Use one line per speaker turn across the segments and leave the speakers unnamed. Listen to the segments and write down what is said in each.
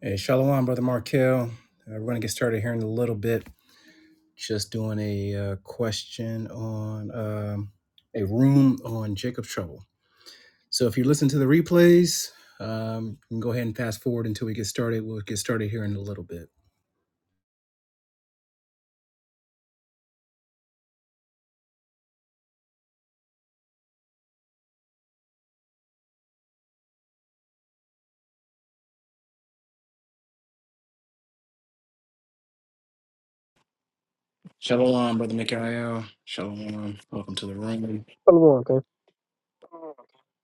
Hey, Shalom, Brother Markel. Uh, we're going to get started here in a little bit. Just doing a uh, question on um, a room on Jacob's Trouble. So if you listen to the replays, um, you can go ahead and fast forward until we get started. We'll get started here in a little bit. Shalom, Brother Mikael. Shalom. Welcome to the room.
Hold on,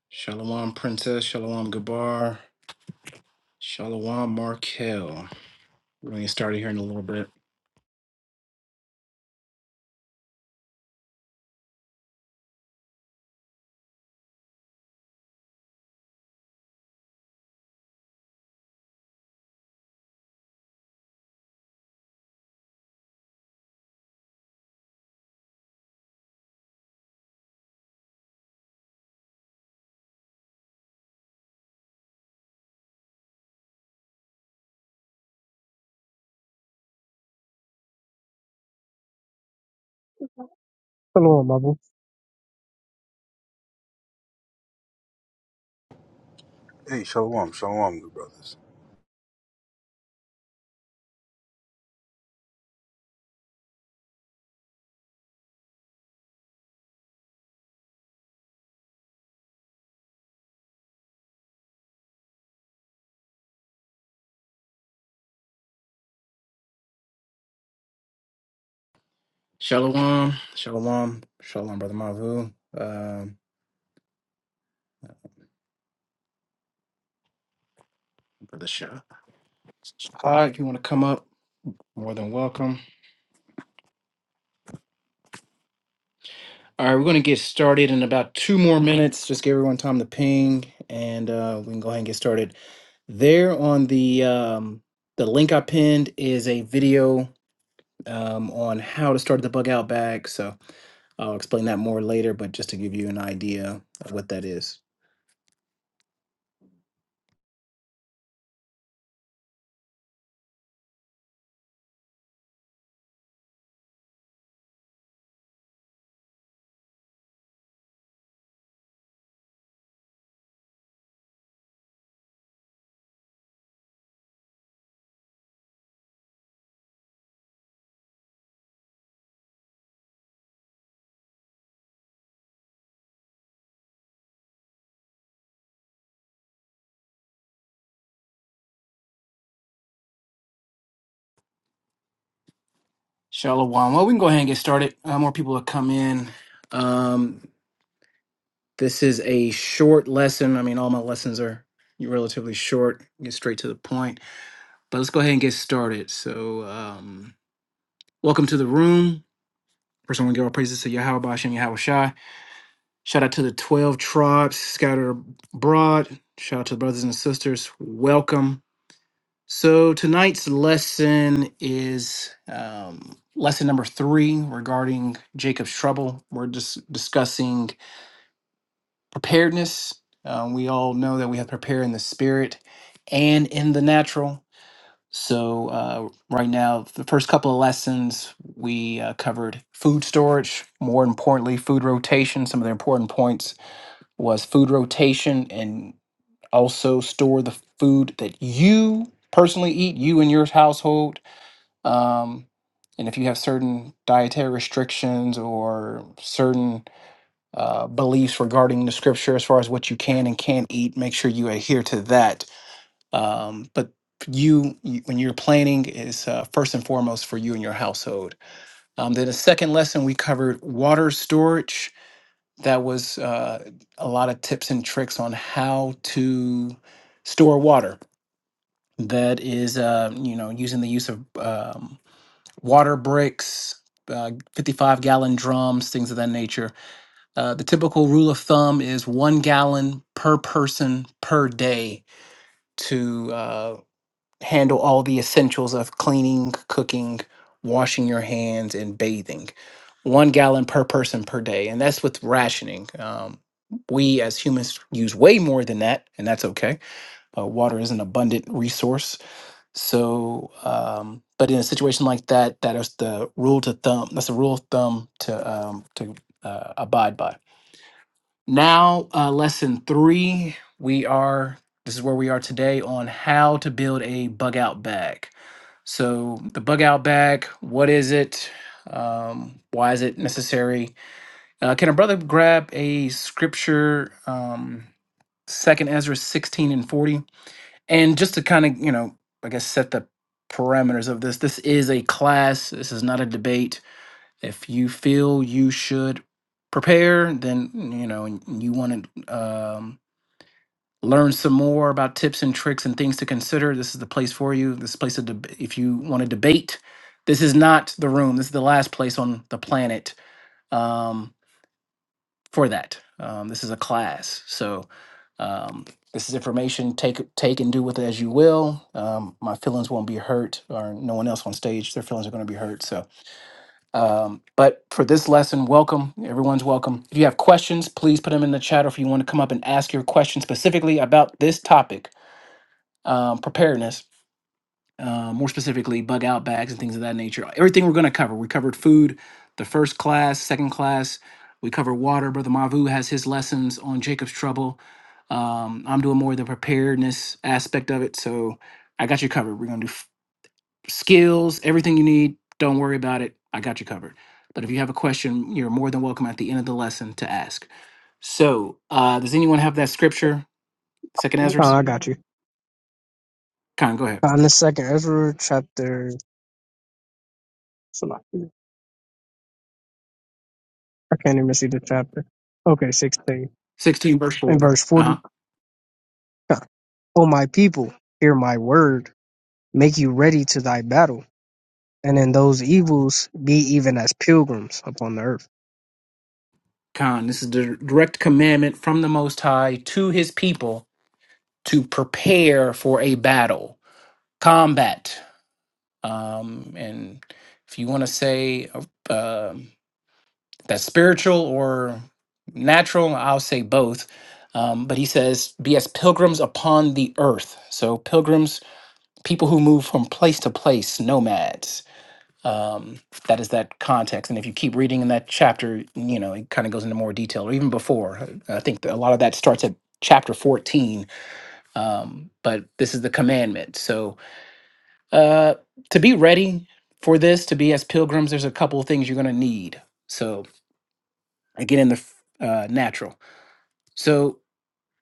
Shalom, Princess. Shalom, Gabar. Shalom, Markel. We're going to get started here in a little bit.
okay. Hold on, Bible.
Hey, shalom, shalom, good brothers.
Shalom. Shalom. Shalom, Brother Mavu. Um, Brother Shah. Hi, if you want to come up, more than welcome. All right, we're going to get started in about two more minutes. Just give everyone time to ping, and uh, we can go ahead and get started. There on the um, the link I pinned is a video um, on how to start the bug out bag. So I'll explain that more later, but just to give you an idea of what that is. Shalom. Well, we can go ahead and get started. Uh, more people will come in. Um, This is a short lesson. I mean, all my lessons are relatively short, get straight to the point. But let's go ahead and get started. So, um, welcome to the room. First, I want to give our praises to Yahweh Bashem, Yahweh Shai. Shout out to the 12 tribes scattered abroad. Shout out to the brothers and sisters. Welcome. So, tonight's lesson is um, lesson number three regarding Jacob's trouble. We're just discussing preparedness. Um, we all know that we have to prepare in the spirit and in the natural. So, uh, right now, the first couple of lessons, we uh, covered food storage, more importantly, food rotation. Some of the important points was food rotation and also store the food that you personally eat, you and your household. Um, and if you have certain dietary restrictions or certain uh, beliefs regarding the scripture as far as what you can and can't eat. Make sure you adhere to that. Um, but you, you- when you're planning, is uh, first and foremost for you and your household. Um, then the second lesson we covered water storage. That was uh, a lot of tips and tricks on how to store water. That is, uh, you know, using the use of um, water bricks, uh, 55 gallon drums, things of that nature uh, the typical rule of thumb is one gallon per person per day to uh, handle all the essentials of cleaning, cooking, washing your hands, and bathing. One gallon per person per day. And that's with rationing. Um, we as humans use way more than that, and that's okay. Uh, water is an abundant resource. So, um, but in a situation like that, that is the rule to thumb. That's a rule of thumb to um, to uh, abide by. Now, uh, lesson three, we are, this is where we are today on how to build a bug out bag. So, the bug out bag, what is it? Um, why is it necessary? Uh, can a brother grab a scripture, um, 2nd Ezra 16 and 40? And just to kind of, you know, I guess set the parameters of this, this is a class, this is not a debate if you feel you should prepare, then you know and you want to um, learn some more about tips and tricks and things to consider. This is the place for you. This place of deb- if you want to debate, this is not the room. This is the last place on the planet um, for that. Um, this is a class, so um, this is information. Take take and do with it as you will. Um, my feelings won't be hurt, or no one else on stage. Their feelings are going to be hurt. So um, but for this lesson, welcome. Everyone's welcome. If you have questions, please put them in the chat or if you want to come up and ask your question specifically about this topic, um, preparedness, uh, more specifically, bug out bags and things of that nature. Everything we're going to cover. We covered food, the first class, second class. We covered water. Brother Mavu has his lessons on Jacob's trouble. Um, I'm doing more of the preparedness aspect of it. So I got you covered. We're going to do skills, everything you need. Don't worry about it. I got you covered. But if you have a question, you're more than welcome at the end of the lesson to ask. So, uh, does anyone have that scripture? Second
Oh,
Ezra's?
I got you.
Khan, go ahead.
Uh, in the second Ezra chapter, I can't even see the chapter. Okay, 16.
16 verse
In
4.
verse 40.
Uh-huh.
Uh, O my people, hear my word, make you ready to thy battle, and in those evils be even as pilgrims upon the earth.
Khan, this is the direct commandment from the Most High to his people to prepare for a battle, combat. Um, and if you want to say, uh, um that's spiritual or natural. I'll say both. Um, but he says, be as pilgrims upon the earth. So, pilgrims, people who move from place to place, nomads. Um, that is that context. And if you keep reading in that chapter, you know, it kind of goes into more detail, or even before. I I think that a lot of that starts at chapter 14. Um, but this is the commandment. So, uh, to be ready for this, to be as pilgrims, there's a couple of things you're going to need. So, again, in the f- uh, natural. So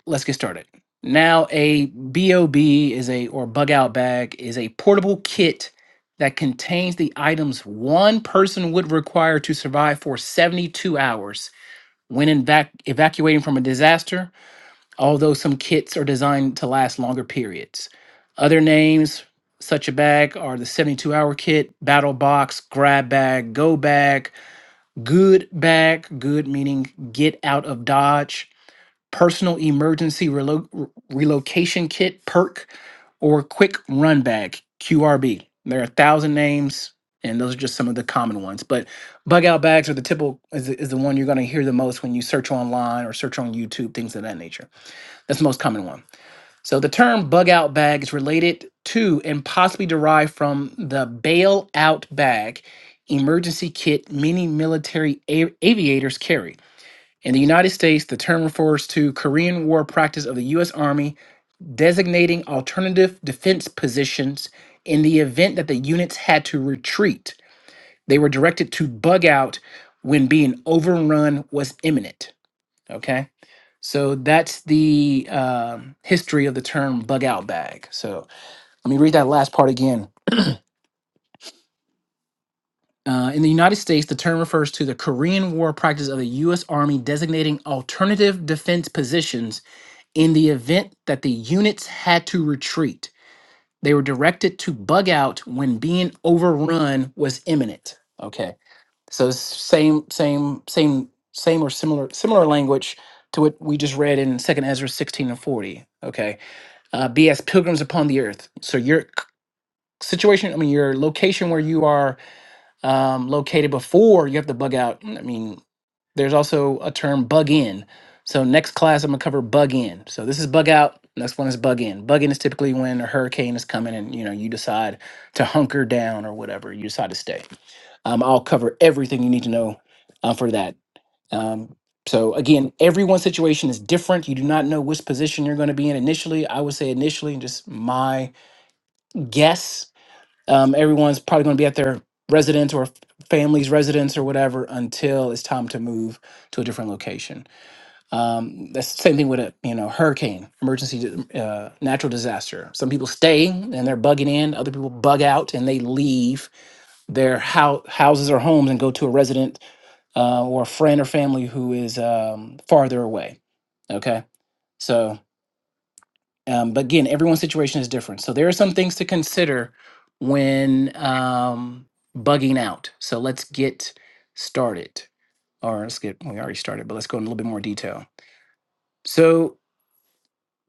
let's get started. Now, a BOB is a or bug out bag is a portable kit that contains the items one person would require to survive for 72 hours when evac- evacuating from a disaster, although some kits are designed to last longer periods. Other names such a bag are the 72 hour kit, battle box, grab bag, go bag, good bag, good meaning get out of dodge, personal emergency relo- re- relocation kit perk or quick run bag qrb there are a thousand names and those are just some of the common ones but bug out bags are the typical is the, is the one you're going to hear the most when you search online or search on youtube things of that nature that's the most common one so the term bug out bag is related to and possibly derived from the bailout bag emergency kit many military a- aviators carry in the United States, the term refers to Korean War practice of the U.S. Army designating alternative defense positions in the event that the units had to retreat. They were directed to bug out when being overrun was imminent. Okay. So that's the um history of the term bug out bag. So let me read that last part again. Uh, in the United States, the term refers to the Korean War practice of the U.S. Army designating alternative defense positions In the event that the units had to retreat, they were directed to bug out when being overrun was imminent. Okay. So it's same, same, same, same or similar similar language to what we just read in 2nd Ezra 16 and 40. Okay. Uh, be as pilgrims upon the earth. So your c- situation, I mean your location where you are um, located before you have to bug out. I mean, there's also a term bug in. So next class, I'm gonna cover bug in. So this is bug out. Next one is bug in. Bug in is typically when a hurricane is coming and you know you decide to hunker down or whatever. You decide to stay. Um, I'll cover everything you need to know uh, for that. Um, so again, everyone's situation is different. You do not know which position you're going to be in initially. I would say initially, just my guess um, everyone's probably going to be at their residence or f- family's residence or whatever until it's time to move to a different location. Um, that's the same thing with a you know hurricane, emergency, uh, natural disaster. Some people stay and they're bugging in. Other people bug out and they leave their hou- houses or homes and go to a resident uh, or a friend or family who is um, farther away. Okay, so um, but again, everyone's situation is different. So there are some things to consider when um, bugging out. So let's get started. Or let's get, we already started, but let's go in a little bit more detail. So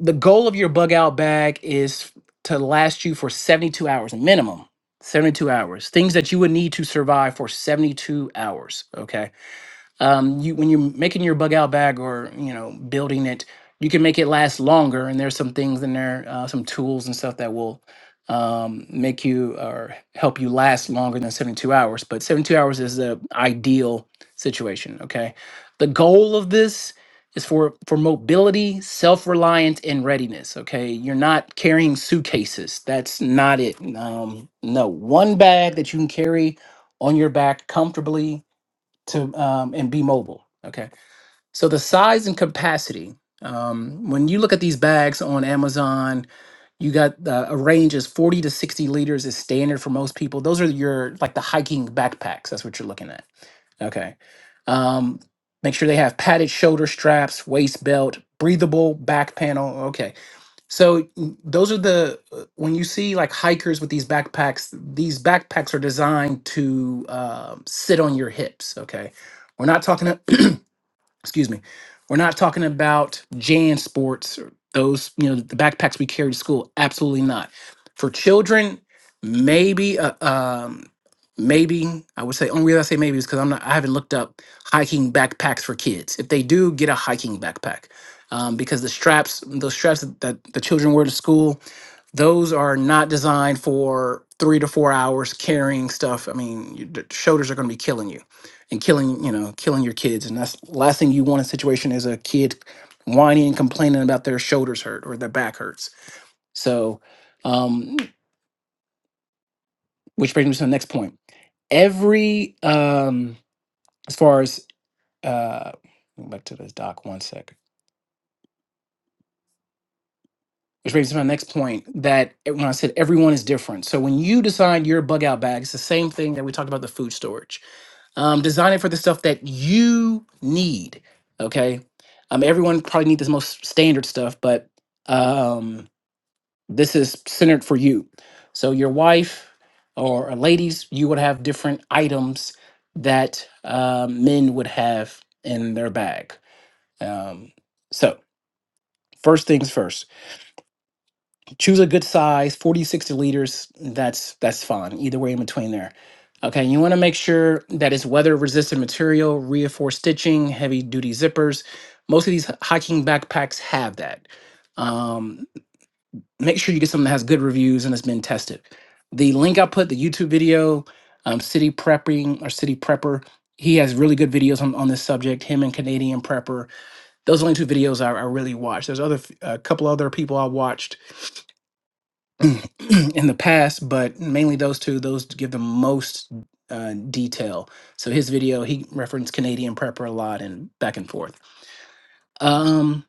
the goal of your bug out bag is to last you for 72 hours minimum. 72 hours. Things that you would need to survive for 72 hours. Okay um, you when you're making your bug out bag or you know building it you can make it last longer and there's some things in there uh, some tools and stuff that will um, make you or help you last longer than 72 hours but 72 hours is the ideal situation okay the goal of this is for for mobility self-reliance and readiness okay you're not carrying suitcases that's not it um, no one bag that you can carry on your back comfortably to um, and be mobile. Okay, so the size and capacity. Um, when you look at these bags on Amazon, you got uh, a range is forty to sixty liters is standard for most people. Those are your like the hiking backpacks. That's what you're looking at. Okay, um, make sure they have padded shoulder straps, waist belt, breathable back panel. Okay, so mm, those are the uh, when you see like hikers with these backpacks, these backpacks are designed to um sit on your hips. Okay, we're not talking excuse me we're not talking about jan sports or those you know the backpacks we carry to school absolutely not for children maybe uh, um maybe i would say only reason i say maybe is because i'm not i haven't looked up hiking backpacks for kids if they do get a hiking backpack um, because the straps those straps that, that the children wear to school those are not designed for three to four hours carrying stuff. I mean, your the shoulders are going to be killing you, and killing you know killing your kids. And that's last thing you want in a situation is a kid whining and complaining about their shoulders hurt or their back hurts. So, um, which brings me to the next point. Every um, as far as uh, go back to this doc one second, Which brings me to my next point that when I said everyone is different. So when you design your bug out bag, it's the same thing that we talked about the food storage um, design it for the stuff that you need. Okay. Um, everyone probably needs the most standard stuff, but um, this is centered for you. So your wife or or ladies, you would have different items that um, men would have in their bag. Um, so first things first. choose a good size 40 sixty liters that's that's fine either way in between there okay you want to make sure that it's weather resistant material reinforced stitching heavy duty zippers most of these h- hiking backpacks have that um, make sure you get something that has good reviews and has been tested the link i put the youtube video um, city prepping or city prepper he has really good videos on, on this subject him and canadian prepper those are the only two videos i, I really watched there's other f- a couple other people i watched in the past, but mainly those two, those give the most uh, detail. So his video, he referenced Canadian prepper a lot and back and forth. Um,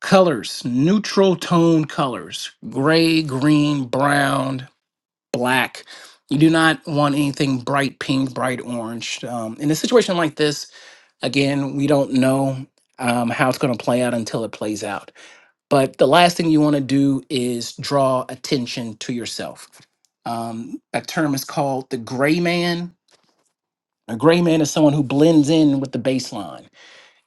colors, neutral tone colors, gray, green, brown, black. You do not want anything bright pink, bright orange. Um, in a situation like this, again, we don't know um, how it's going to play out until it plays out. But the last thing you want to do is draw attention to yourself. Um, that term is called the gray man. A gray man is someone who blends in with the baseline.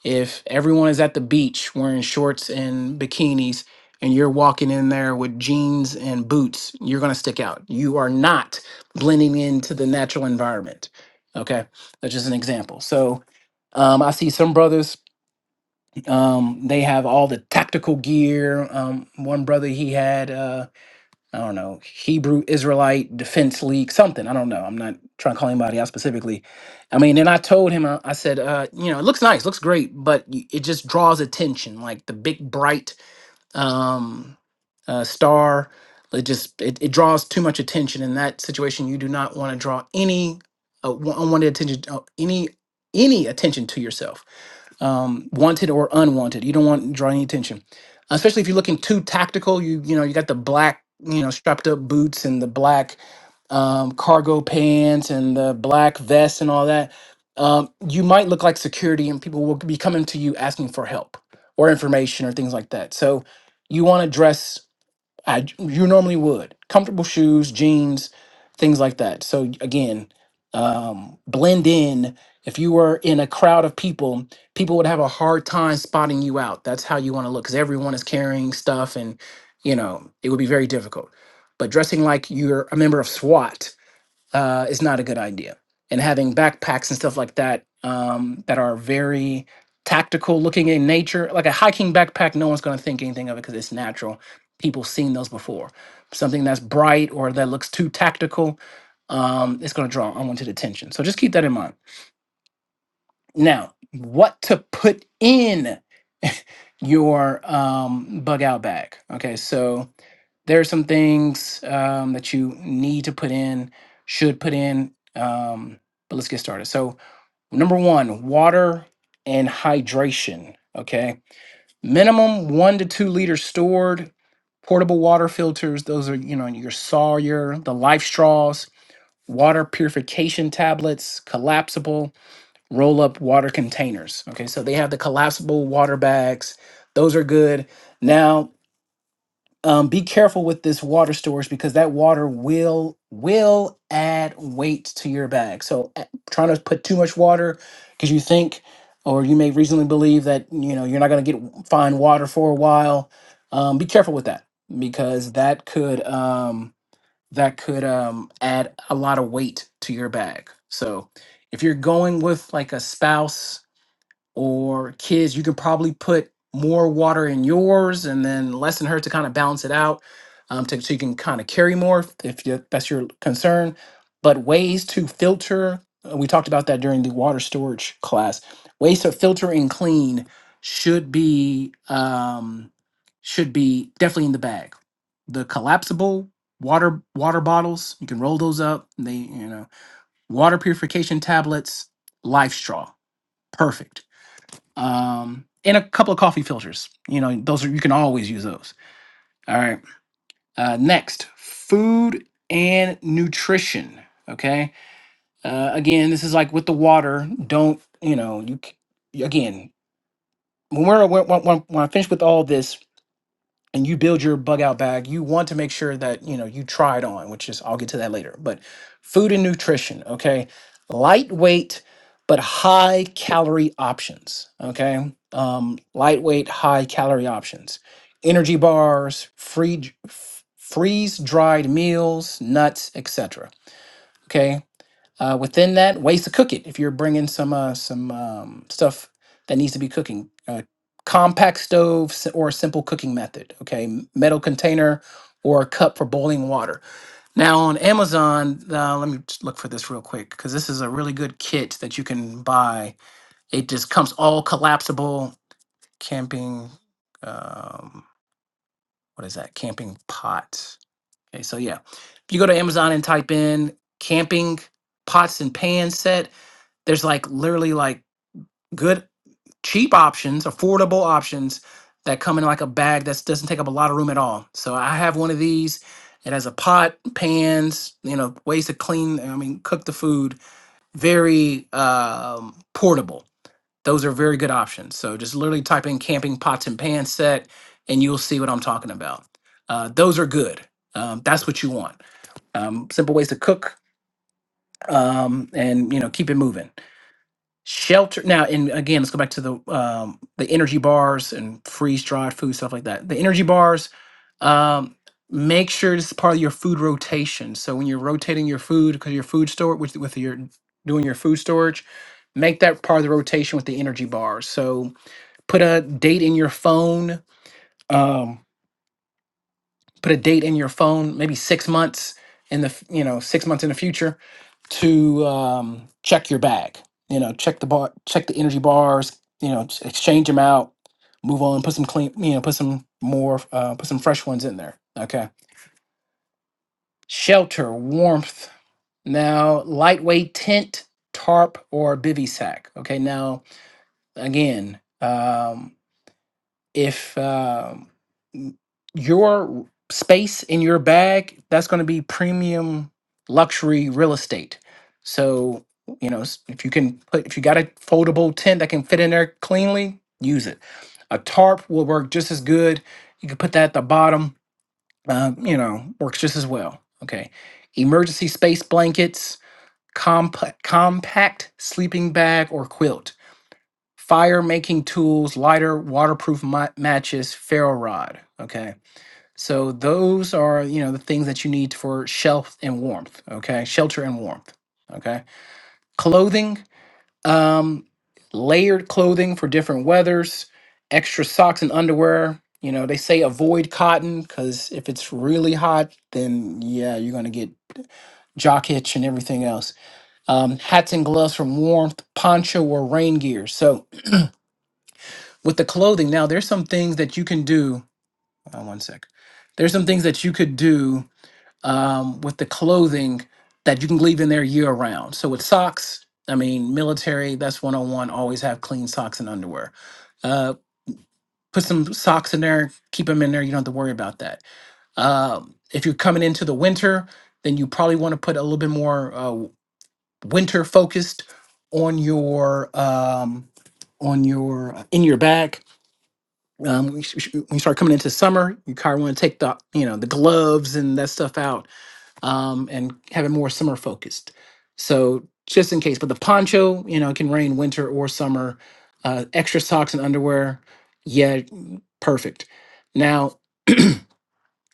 If everyone is at the beach wearing shorts and bikinis, and you're walking in there with jeans and boots, you're going to stick out. You are not blending into the natural environment. Okay, that's just an example. So um, I see some brothers um, they have all the tactical gear. Um, one brother he had uh, I don't know Hebrew Israelite Defense League something. I don't know. I'm not trying to call anybody out specifically. I mean, and I told him I, I said, uh, you know, it looks nice, looks great, but y- it just draws attention. Like the big bright um, uh, star. It just it, it draws too much attention in that situation. You do not want to draw any uh, wa- unwanted attention, uh, any any attention to yourself, um, wanted or unwanted. You don't want to draw any attention, especially if you're looking too tactical. You you know you got the black you know strapped up boots and the black um, cargo pants and the black vest and all that. Um, you might look like security, and people will be coming to you asking for help or information or things like that. So you want to dress I, you normally would comfortable shoes jeans things like that so again um, blend in if you were in a crowd of people people would have a hard time spotting you out that's how you want to look because everyone is carrying stuff and you know it would be very difficult but dressing like you're a member of swat uh, is not a good idea. And having backpacks and stuff like that um, that are very tactical looking in nature, like a hiking backpack, no one's going to think anything of it because it's natural. People seen those before. Something that's bright or that looks too tactical, um, it's going to draw unwanted attention. So just keep that in mind. Now, what to put in your um, bug out bag? Okay, so there are some things um, that you need to put in, should put in, um, but let's get started. So, number one, water and hydration. Okay, minimum one to two liters stored. Portable water filters; those are you know your Sawyer, the Life Straws, water purification tablets, collapsible roll-up water containers. Okay, so they have the collapsible water bags; those are good. Now um, be careful with this water storage because that water will will add weight to your bag. So a- trying to put too much water because you think or you may reasonably believe that you know you're not going to get fine water for a while. Um, be careful with that because that could um, that could um, add a lot of weight to your bag. So if you're going with like a spouse or kids, you could probably put more water in yours and then less in her to kind of balance it out um, to, so you can kind of carry more if, if you, that's your concern. But ways to filter, uh, we talked about that during the water storage class, ways to filter and clean should be um, should be definitely in the bag. The collapsible water water bottles, you can roll those up. They, you know, water purification tablets, life straw, perfect um, and a couple of coffee filters. You know, those are you can always use those. All right. Uh, next, food and nutrition. Okay. Uh, again, this is like with the water. Don't you know you c- again when we're when, when, when I finish with all this and you build your bug out bag, you want to make sure that you know you try it on, which is I'll get to that later. But food and nutrition, okay, lightweight but high calorie options, okay, um, lightweight high calorie options, energy bars, free freeze dried meals, nuts, etc. Okay, uh, within that, ways to cook it. If you're bringing some uh, some um, stuff that needs to be cooking, uh, compact stove s- or a simple cooking method. Okay, M- metal container or a cup for boiling water. Now on Amazon, uh, let me just look for this real quick because this is a really good kit that you can buy. It just comes all collapsible camping. Um, what is that? Camping pot. Okay, so yeah, if you go to Amazon and type in camping pots and pan set there's like literally like good, cheap options, affordable options that come in like a bag that doesn't take up a lot of room at all. So I have one of these. It has a pot, pans, you know, ways to clean, I mean, cook the food. Very um, portable. Those are very good options. So just literally type in camping pots and pan set and you'll see what I'm talking about. Uh, those are good. Um, that's what you want. Um, simple ways to cook um, and, you know, keep it moving shelter now and again let's go back to the um the energy bars and freeze dried food stuff like that the energy bars um make sure this is part of your food rotation so when you're rotating your food because your food store with, with your doing your food storage make that part of the rotation with the energy bars so put a date in your phone um put a date in your phone, maybe six months in the f- you know six months in the future, to um, check your bag. You know, check the bar, check the energy bars. You know, ex- exchange them out, move on, put some clean. You know, put some more, uh, put some fresh ones in there. Okay. Shelter, warmth. Now, lightweight tent, tarp, or bivy sack. Okay. Now, again. um, if um, your space in your bag that's going to be premium luxury real estate so you know s- if you can put if you got a foldable tent that can fit in there cleanly use it a tarp will work just as good you can put that at the bottom uh, you know works just as well okay emergency space blankets compa- compact sleeping bag or quilt fire making tools, lighter, waterproof ma- matches, ferro rod. Okay. So those are, you know, the things that you need for shelf and warmth. Okay. Shelter and warmth. Okay. Clothing, um, layered clothing for different weathers, extra socks and underwear. You know, they say avoid cotton because if it's really hot, then yeah, you're going to get jock itch and everything else. Um, hats and gloves from warmth, poncho or rain gear. So, with the clothing now there's some things that you can do uh, one sec there's some things that you could do um, with the clothing that you can leave in there year round so with socks i mean military that's one-on-one. always have clean socks and underwear uh, put some socks in there keep them in there you don't have to worry about that um, if you're coming into the winter, then you probably want to put a little bit more uh, w- winter focused on your um, on your in your bag um, when, you, sh- sh- when you start coming into summer, you kind of want to take the you know the gloves and that stuff out, um, and have it more summer focused. So just in case, but the poncho, you know, can rain winter or summer. Uh, extra socks and underwear, yeah, mm, perfect. Now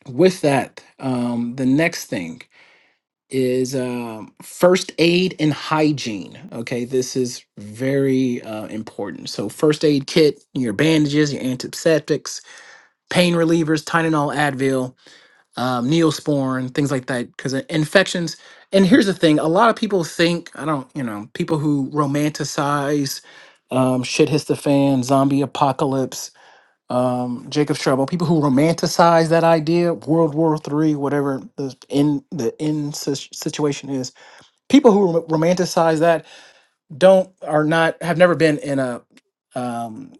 with that, um, the next thing is um, first aid and hygiene. Okay, this is very uh, important. So first aid kit, your bandages, your antiseptics pain relievers, Tylenol, Advil, um, Neosporin, things like that. Because infections, and here's the thing: a lot of people think I don't, you know, people who romanticize um, shit hits the fan, zombie apocalypse, um, Jacob's trouble. People who romanticize that idea, World War Three, whatever the in the in sis- situation is. People who rom- romanticize that don't are not have never been in a um,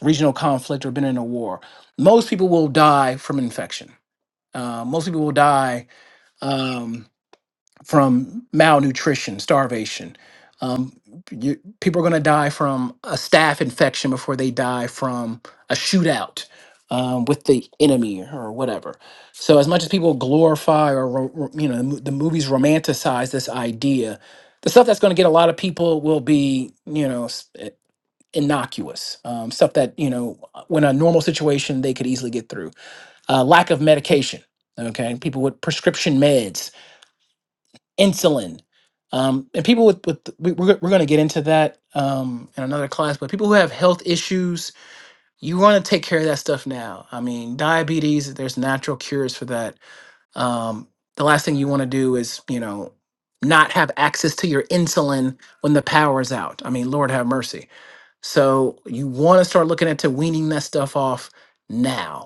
regional conflict or been in a war. Most people will die from infection uh, mostly people die um, from malnutrition, starvation. Um, you, people are going to die from a staph infection before they die from a shootout um, with the enemy or whatever. So, as much as people glorify or ro- ro- you know the, mo- the movies romanticize this idea, the stuff that's going to get a lot of people will be you know s- eh, innocuous um, stuff that you know when a normal situation they could easily get through uh, lack of medication. Okay, people with prescription meds, insulin, um, and people with with we, we're we're going to get into that um, in another class. But people who have health issues, you want to take care of that stuff now. I mean, diabetes, there's natural cures for that. Um, the last thing you want to do is you know not have access to your insulin when the power is out. I mean, Lord have mercy. So you want to start looking into weaning that stuff off now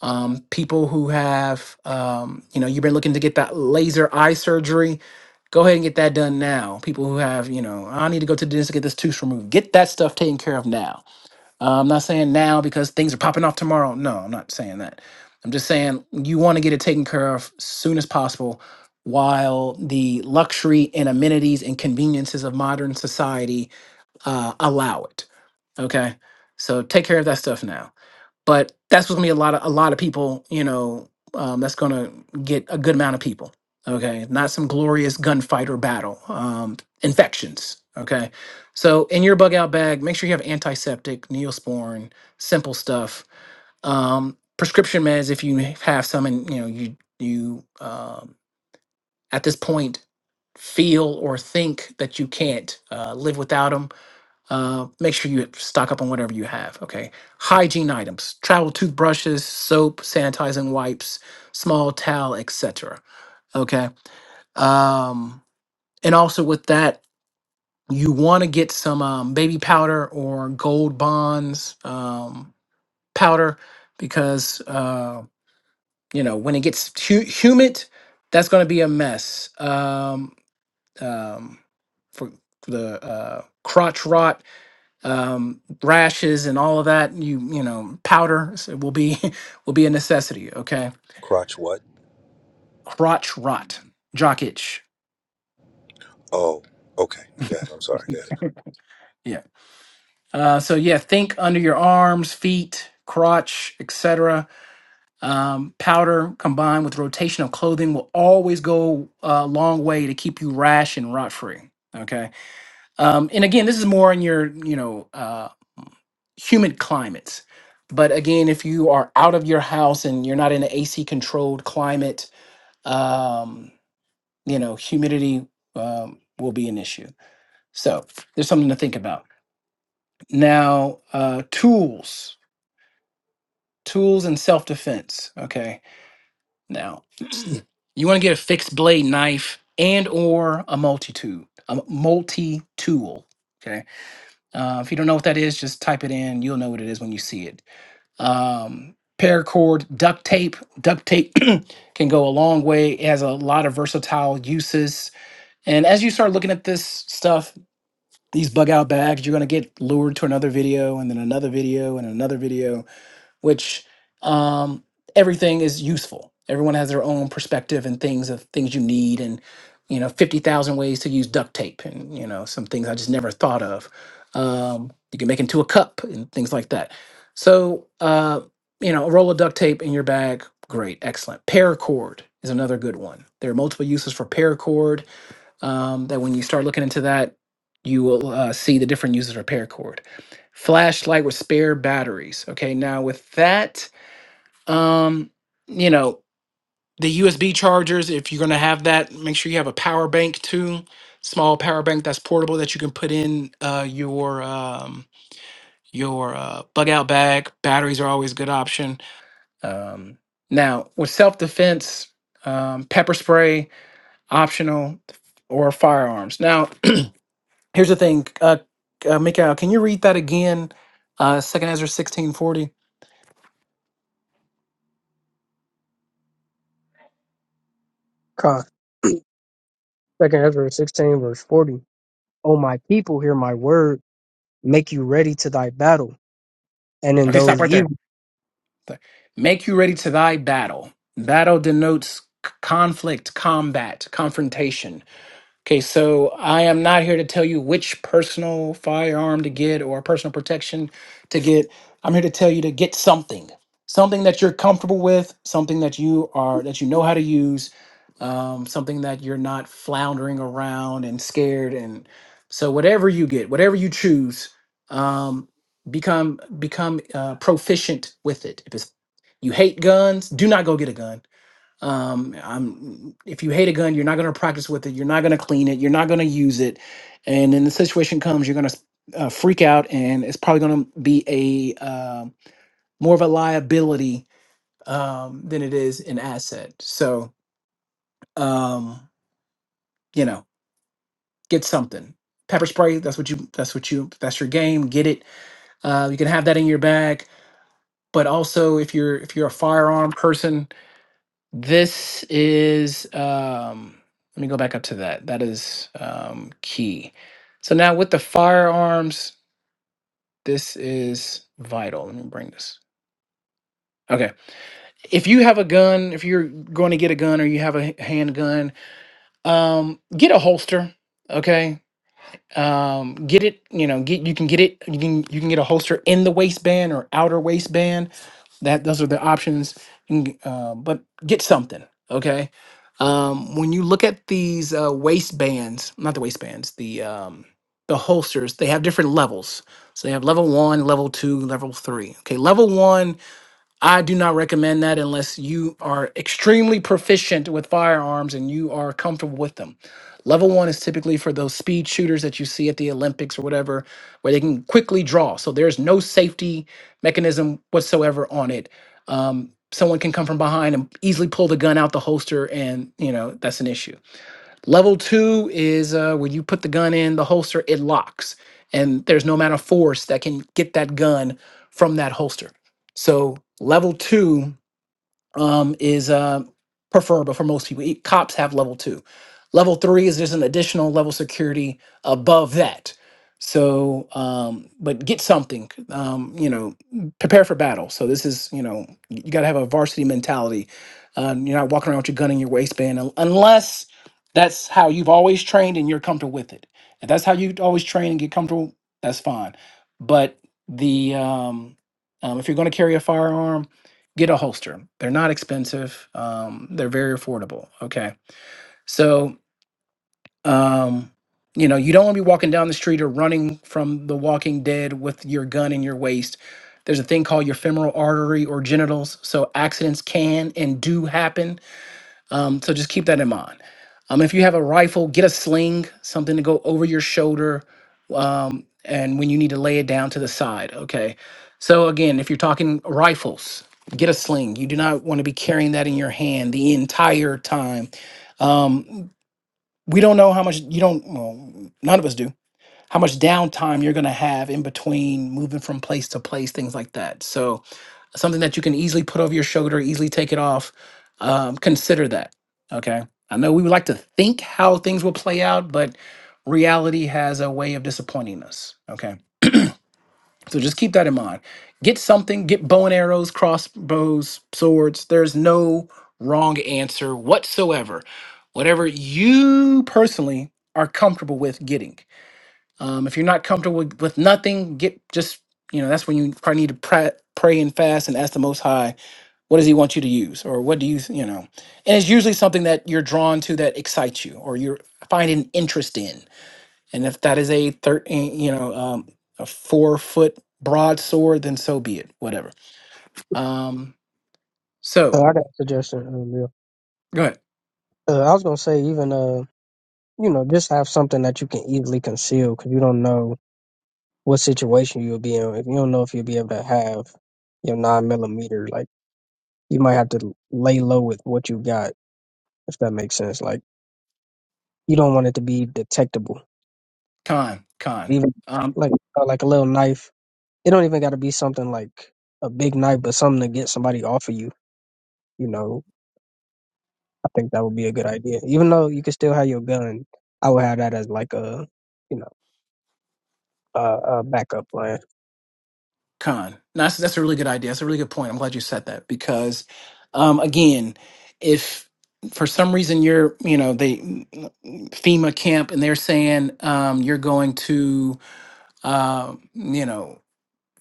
um, people who have, um, you know, you've been looking to get that laser eye surgery, go ahead and get that done now. People who have, you know, I need to go to the dentist to get this tooth removed, get that stuff taken care of now. Uh, I'm not saying now because things are popping off tomorrow. No, I'm not saying that. I'm just saying you want to get it taken care of soon as possible while the luxury and amenities and conveniences of modern society uh, allow it. Okay. So take care of that stuff now but that's what's gonna be a lot of a lot of people you know um, that's gonna get a good amount of people okay not some glorious gunfight or battle um, infections okay so in your bug out bag make sure you have antiseptic neosporin simple stuff um, prescription meds if you have some and you know you you um, at this point feel or think that you can't uh, live without them uh, make sure you stock up on whatever you have. Okay. Hygiene items, travel toothbrushes, soap, sanitizing wipes, small towel, etc. Okay. Um, and also with that, you want to get some um, baby powder or gold bonds um, powder because uh, you know when it gets hu- humid, that's going to be a mess. Um, um, for for the uh, crotch rot um, rashes and all of that. You you know powder so will be will be a necessity. Okay,
Crotch what?
crotch rot, jock itch.
Oh, okay, okay. I'm sorry. Good.
Yeah. Uh, so yeah, think under your arms, feet, crotch, etc. Um, powder combined with rotation of clothing will always go a long way to keep you rash and rot free. Okay Um, and again, this is more in your, you know, uh, humid climates. But again, if you are out of your house and you're not in an AC controlled climate, um, you know, humidity um, will be an issue. So there's something to think about. Now, uh, tools, tools and self defense. Okay. Now, you want to get a fixed blade knife and or a multi tool, a multi tool. Okay. Uh, if you don't know what that is, just type it in. You'll know what it is when you see it. Um, paracord duct tape. Duct tape can go a long way. It has a lot of versatile uses. And as you start looking at this stuff, these bug out bags, you're going to get lured to another video and then another video and another video which um, everything is useful. Everyone has their own perspective and things of things you need, and you know, fifty thousand ways to use duct tape, and you know, some things I just never thought of. Um, you can make into a cup and things like that. So, uh, you know, a roll of duct tape in your bag, great, excellent. Paracord is another good one. There are multiple uses for paracord um, that when you start looking into that, you will uh, see the different uses of repair cord. Flashlight with spare batteries. Okay, now with that, um, you know, the USB chargers, if you're going to have that, make sure you have a power bank too. Small power bank that's portable that you can put in uh, your um, your uh, bug out bag. Batteries are always a good option. Um, now with self defense, um, pepper spray optional or firearms. Now Here's the thing, uh, uh, Mikael, can you read that again? Uh, Second Ezra sixteen forty.
Uh, second Ezra 16, verse 40. O my people, hear my word, make you ready to thy battle, and in
Okay, stop
those
right there.
evils.
Th- Make you ready to thy battle. Battle denotes c- conflict, combat, confrontation. Okay, so I am not here to tell you which personal firearm to get or personal protection to get. I'm here to tell you to get something, something that you're comfortable with, something that you are that you know how to use, um, something that you're not floundering around and scared. And so, whatever you get, whatever you choose, um, become become uh, proficient with it. If it's you hate guns, do not go get a gun um, I'm, if you hate a gun, you're not going to practice with it. You're not going to clean it. You're not going to use it. And then the situation comes, you're going to uh, freak out, and it's probably going to be a uh, more of a liability um, than it is an asset. So, um, you know, get something. Pepper spray. That's what you. That's what you. That's your game. Get it. Uh, you can have that in your bag. But also, if you're if you're a firearm person, This is, um, let me go back up to that. That is um, key. So now with the firearms, this is vital. Let me bring this. Okay. If you have a gun, if you're going to get a gun or you have a h- handgun, um, get a holster. Okay. Um, get it, you know, get, you can get it, you can, you can get a holster in the waistband or outer waistband that those are the options and, uh, but get something okay um, when you look at these uh, waistbands not the waistbands the um, the holsters they have different levels so they have level one level two level three okay level one I do not recommend that unless you are extremely proficient with firearms and you are comfortable with them. Level one is typically for those speed shooters that you see at the Olympics or whatever, where they can quickly draw. So there's no safety mechanism whatsoever on it. Um, someone can come from behind and easily pull the gun out the holster, and you know that's an issue. Level two is uh, when you put the gun in the holster, it locks, and there's no amount of force that can get that gun from that holster. So level two um, is uh, preferable for most people. E- Cops have level two. Level three is there's an additional level security above that. So, um, but get something, um, you know, prepare for battle. So this is, you know, you got to have a varsity mentality. Um, you're not walking around with your gun in your waistband un- unless that's how you've always trained and you're comfortable with it. If that's how you always train and get comfortable, that's fine. But the um, um, if you're going to carry a firearm, get a holster. They're not expensive. Um, they're very affordable. Okay. So, um, you know, you don't want to be walking down the street or running from the walking dead with your gun in your waist. There's a thing called your femoral artery or genitals. So accidents can and do happen um, so just keep that in mind. Um, if you have a rifle, get a sling, something to go over your shoulder, um, and when you need to lay it down to the side. Okay. So again, if you're talking rifles, get a sling. You do not want to be carrying that in your hand the entire time. Um, we don't know how much you don't. Well, none of us do how much downtime you're going to have in between moving from place to place, things like that. So, something that you can easily put over your shoulder, easily take it off. Um, consider that. Okay. I know we would like to think how things will play out, but reality has a way of disappointing us. Okay. So just keep that in mind. Get something, get bow and arrows, crossbows, swords. There's no wrong answer whatsoever. Whatever you personally are comfortable with getting. Um, if you're not comfortable with, with nothing, get just you know that's when you probably need to pray, pray and fast and ask the Most High, what does He want you to use, or what do you you know? And it's usually something that you're drawn to that excites you, or you're finding interest in. And if that is a thirteen, you know, um, a four foot broadsword, then so be it. Whatever. Um, so
Uh, I got a suggestion. Um, yeah.
go ahead,
uh, I was going to say, even. uh. you know, just have something that you can easily conceal because you don't know what situation you'll be in. If you don't know if you'll be able to have your nine millimeter, like you might have to lay low with what you got, if that makes sense. Like you don't want it to be detectable,
Khan.
even
Khan.
like uh, like a little knife. It don't even got to be something like a big knife, but something to get somebody off of you. You know, I think that would be a good idea. Even though you can still have your gun, I would have that as like a, you know, a, a backup plan.
Con. No, That's that's a really good idea. That's a really good point. I'm glad you said that because, um, again, if for some reason you're, you know, they FEMA camp and they're saying um, you're going to, uh, you know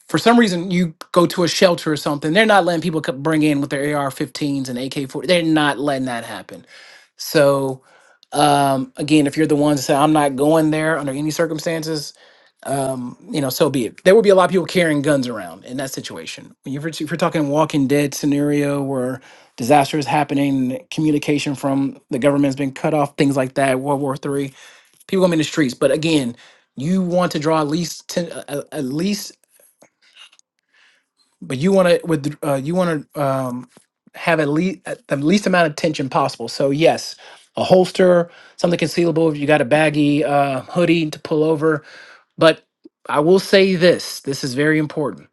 for some reason you go to a shelter or something they're not letting people co- bring in with their ar-15s and ak-40 they're not letting that happen so um, again if you're the ones that say i'm not going there under any circumstances um, you know so be it there will be a lot of people carrying guns around in that situation if you're, if you're talking walking dead scenario where disaster is happening communication from the government's been cut off things like that world war three people going to be in the streets but again you want to draw at least 10, uh, at least but you want to with uh, you want to um, have at least the least amount of tension possible. So yes, a holster, something concealable. If you got a baggy uh, hoodie to pull over, but I will say this: this is very important.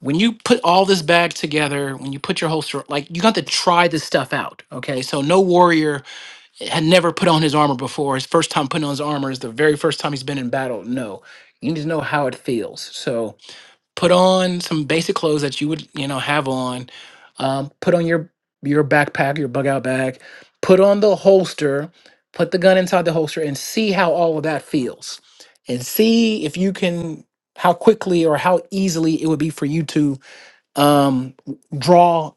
When you put all this bag together, when you put your holster, like you got to try this stuff out. Okay, so no warrior had never put on his armor before. His first time putting on his armor is the very first time he's been in battle. No, you need to know how it feels. So put on some basic clothes that you would you know have on um, put on your your backpack your bug out bag put on the holster put the gun inside the holster and see how all of that feels and see if you can how quickly or how easily it would be for you to um, draw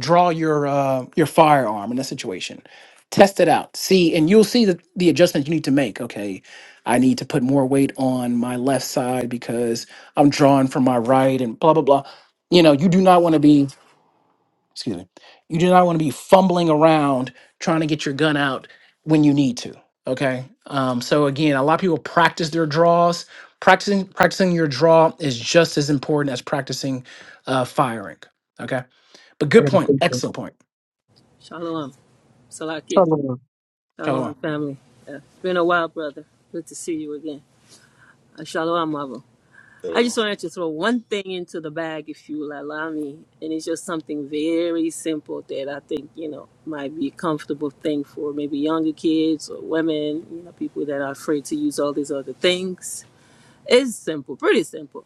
draw your uh, your firearm in that situation. Test it out. See, and you'll see the, the adjustments you need to make. Okay, I need to put more weight on my left side because I'm drawing from my right and blah blah blah. You know, you do not want to be excuse me, you do not want to be fumbling around trying to get your gun out when you need to. Okay. Um, so again, a lot of people practice their draws. Practicing practicing your draw is just as important as practicing uh, firing. Okay. But
I
good
got to
point.
put the
Excellent point.
Shalom. Salakia. Shalom,
Shalom.
family. Yeah. It's been a while, brother. Good to see you again. Uh, Shalom, Mavo. I
Shalom.
just wanted to throw one thing into the bag, if you will allow me. And it's just something very simple that I think, you know, might be a comfortable thing for maybe younger kids or women, you know, people that are afraid to use all these other things. It's simple, pretty simple.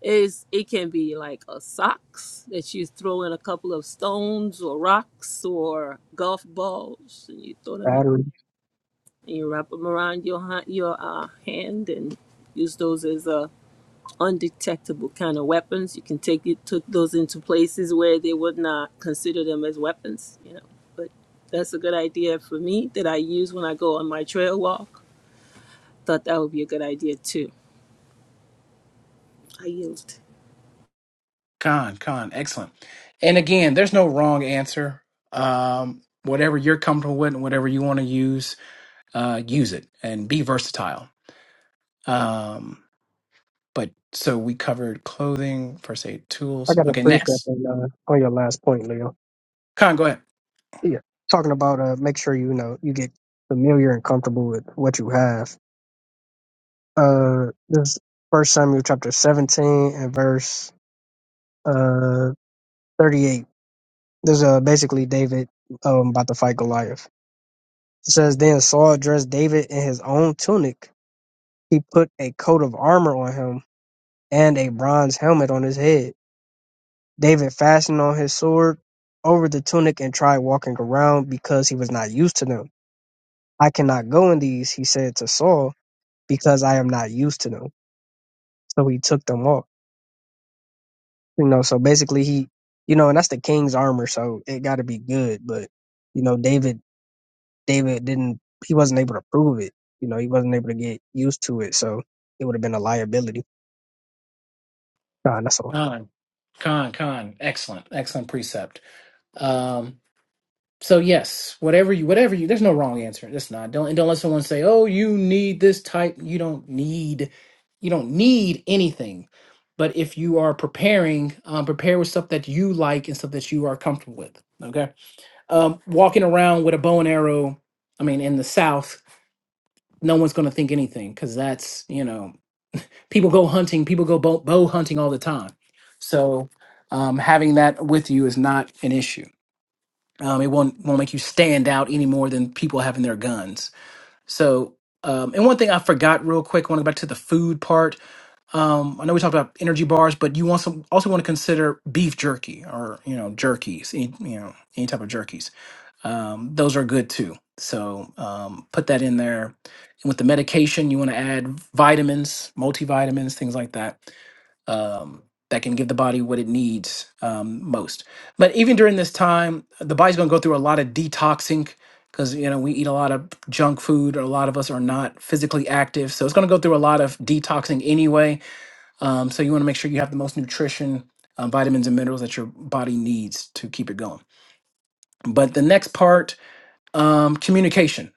Is it can be like a socks that you throw in a couple of stones or rocks or golf balls, and you throw them in,
battery.
and you wrap them around your ha- your uh, hand, and use those as uh, undetectable kind of weapons. You can take it took those into places where they would not consider them as weapons, you know. But that's a good idea for me that I use when I go on my trail walk. Thought that would be a good idea too. I yield.
Khan, Khan, excellent. And again, there's no wrong answer. Um, whatever you're comfortable with and whatever you want to use, uh, use it and be versatile. Um, But so we covered clothing, first aid
I
tools.
got a
Okay,
precept
next.
on uh, on your last point, Leo.
Khan, go ahead.
Yeah, talking about uh, make sure you know you get familiar and comfortable with what you have. Uh, this First Samuel chapter seventeen and verse uh thirty eight. There's uh basically David um about to fight Goliath. It says then Saul dressed David in his own tunic. He put a coat of armor on him and a bronze helmet on his head. David fastened on his sword over the tunic and tried walking around because he was not used to them. I cannot go in these, he said to Saul, because I am not used to them. So he took them off. You know, so basically he, you know, and that's the king's armor, so it got to be good. But you know, David, David didn't, he wasn't able to prove it. You know, he wasn't able to get used to it, so it would have been a liability. Nah, that's all.
Khan, Khan, Khan. Excellent, excellent precept. Um, so yes, whatever you, whatever you, there's no wrong answer. That's not. Don't and don't let someone say, "Oh, you need this type." You don't need, you don't need anything. But if you are preparing, um, prepare with stuff that you like and stuff that you are comfortable with. Okay. um, walking around with a bow and arrow, I mean, in the South, no one's going to think anything because that's, you know, people go hunting, people go bow, bow hunting all the time. So um, having that with you is not an issue. Um, it won't, won't make you stand out any more than people having their guns. So, um, and one thing I forgot real quick, I want to go back to the food part. Um, I know we talked about energy bars, but you want some, also want to consider beef jerky or, you know, jerkies, any, you know, any type of jerkies um, those are good too. So um, put that in there. And with the medication, you want to add vitamins, multivitamins, things like that, um, that can give the body what it needs um, most. But even during this time, the body's going to go through a lot of detoxing because you know we eat a lot of junk food. A lot of us are not physically active, so it's going to go through a lot of detoxing anyway. Um, so you want to make sure you have the most nutrition, uh, vitamins, and minerals that your body needs to keep it going. But the next part um, communication.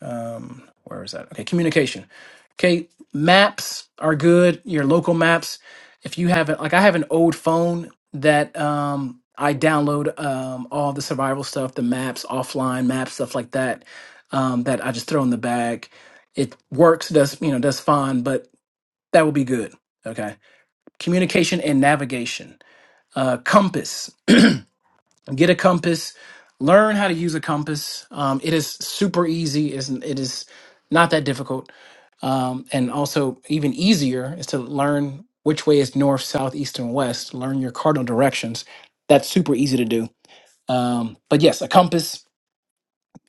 Um, where is that? Okay, communication. Okay, maps are good. Your local maps. If you have it, like I have an old phone that um, I download um, all the survival stuff, the maps, offline maps, stuff like that. Um, that I just throw in the bag. It works. Does you know? Does fine, but that would be good. Okay, communication and navigation. Uh, compass. get a compass learn how to use a compass um, it is super easy it's, it is not that difficult um, and also even easier is to learn which way is north south east and west learn your cardinal directions that's super easy to do um, but yes a compass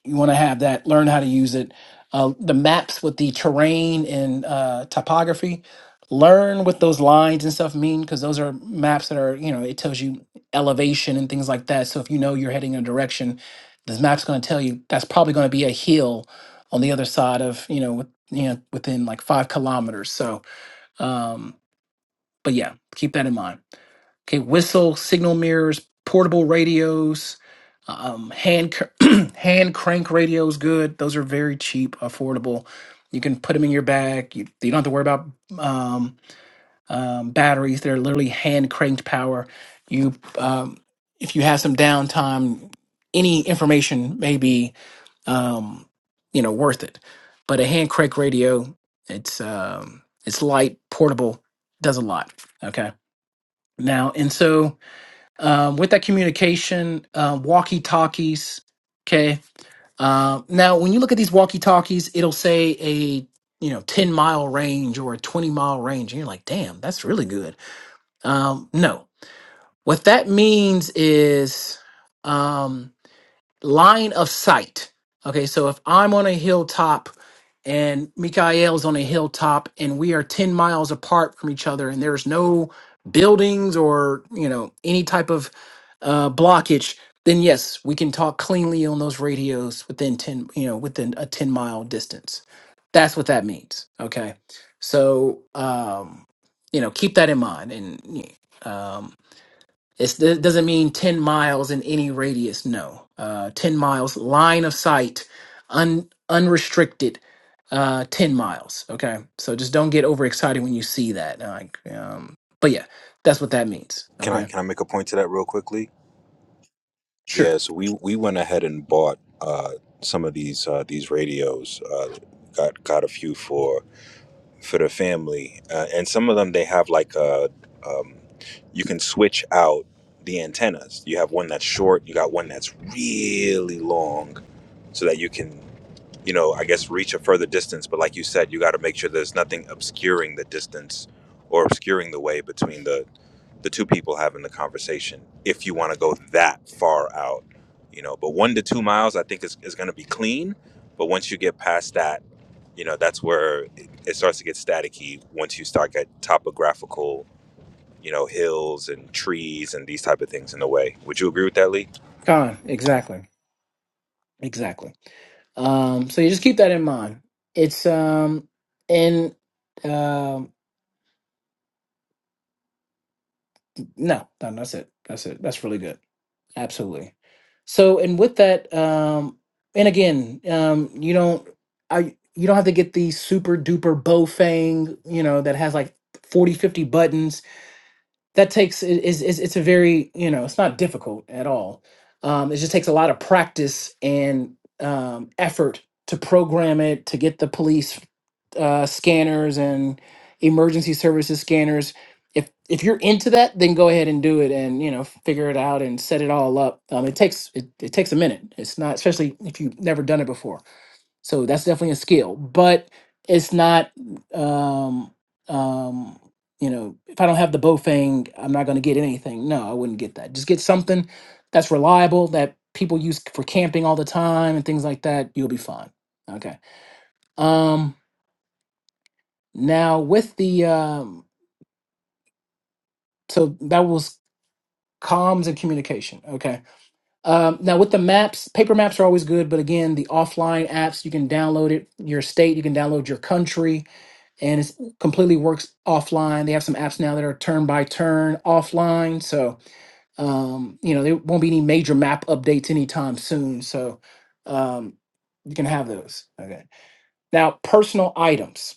you want to have that learn how to use it uh, the maps with the terrain and uh, topography learn what those lines and stuff mean because those are maps that are you know it tells you elevation and things like that so if you know you're heading in a direction this map's going to tell you that's probably going to be a hill on the other side of you know with, you know within like five kilometers so um but yeah keep that in mind Okay, whistle, signal mirrors, portable radios, um, hand cr- hand crank radios. Good. Those are very cheap, affordable. You can put them in your bag. You, you don't have to worry about um, um, batteries. They're literally hand cranked power. You, um, if you have some downtime, any information may be, um, you know, worth it. But a hand crank radio, it's um, it's light, portable, does a lot. Okay. Now, and so um, with that communication, um, walkie talkies. Okay. Um, now, when you look at these walkie talkies, it'll say a you know ten mile range or a twenty mile range, and you're like, damn, that's really good. Um, no, what that means is. Um, line of sight. Okay, so if I'm on a hilltop and Mikael's on a hilltop and we are 10 miles apart from each other and there's no buildings or, you know, any type of uh, blockage, then yes, we can talk cleanly on those radios within 10, you know, within a 10 mile distance. That's what that means. Okay. So, um, you know, keep that in mind. And, um, it's, it doesn't mean 10 miles in any radius, no. Uh, 10 miles, line of sight, un, unrestricted, uh, 10 miles, okay? So just don't get overexcited when you see that. Like, um, but yeah, that's what that means,
Can I
okay?
can I make a point to that real quickly?
Sure.
Yeah. So we we went ahead and bought uh, some of these uh, these radios. Uh, got got a few for for the family, uh, and some of them they have like a um, you can switch out the antennas. You have one that's short. You got one that's really long, so that you can you know, I guess reach a further distance. But like you said, you got to make sure there's nothing obscuring the distance or obscuring the way between the the two people having the conversation. If you want to go that far out, you know, but one to two miles, I think is is going to be clean. But once you get past that, you know, that's where it, it starts to get staticky. Once you start get topographical, you know, hills and trees and these type of things in the way. Would you agree with that, Lee?
Con, exactly. Exactly. Um, so you just keep that in mind. It's, um, and, um, no, no, that's it. That's it. That's really good. Absolutely. So, and with that, um, and again, um, you don't, I, you don't have to get the super duper Bofang, you know, that has like 40, 50 buttons that takes i- is is it's a very you know it's not difficult at all um it just takes a lot of practice and um effort to program it to get the police uh scanners and emergency services scanners if if you're into that then go ahead and do it and you know figure it out and set it all up um it takes it, it takes a minute it's not especially if you've never done it before so that's definitely a skill, but it's not, um, um, you know, if I don't have the Bofang, I'm not going to get anything. No, I wouldn't get that. Just get something that's reliable that people use for camping all the time and things like that. You'll be fine. Okay. Um, now with the, um, so that was comms and communication. Okay. Um, now with the maps, paper maps are always good, but again, the offline apps, you can download it, your state, you can download your country and it's completely works offline. They have some apps now that are turn by turn offline, so um, you know there won't be any major map updates anytime soon. So um, you can have those. Okay. Now, personal items,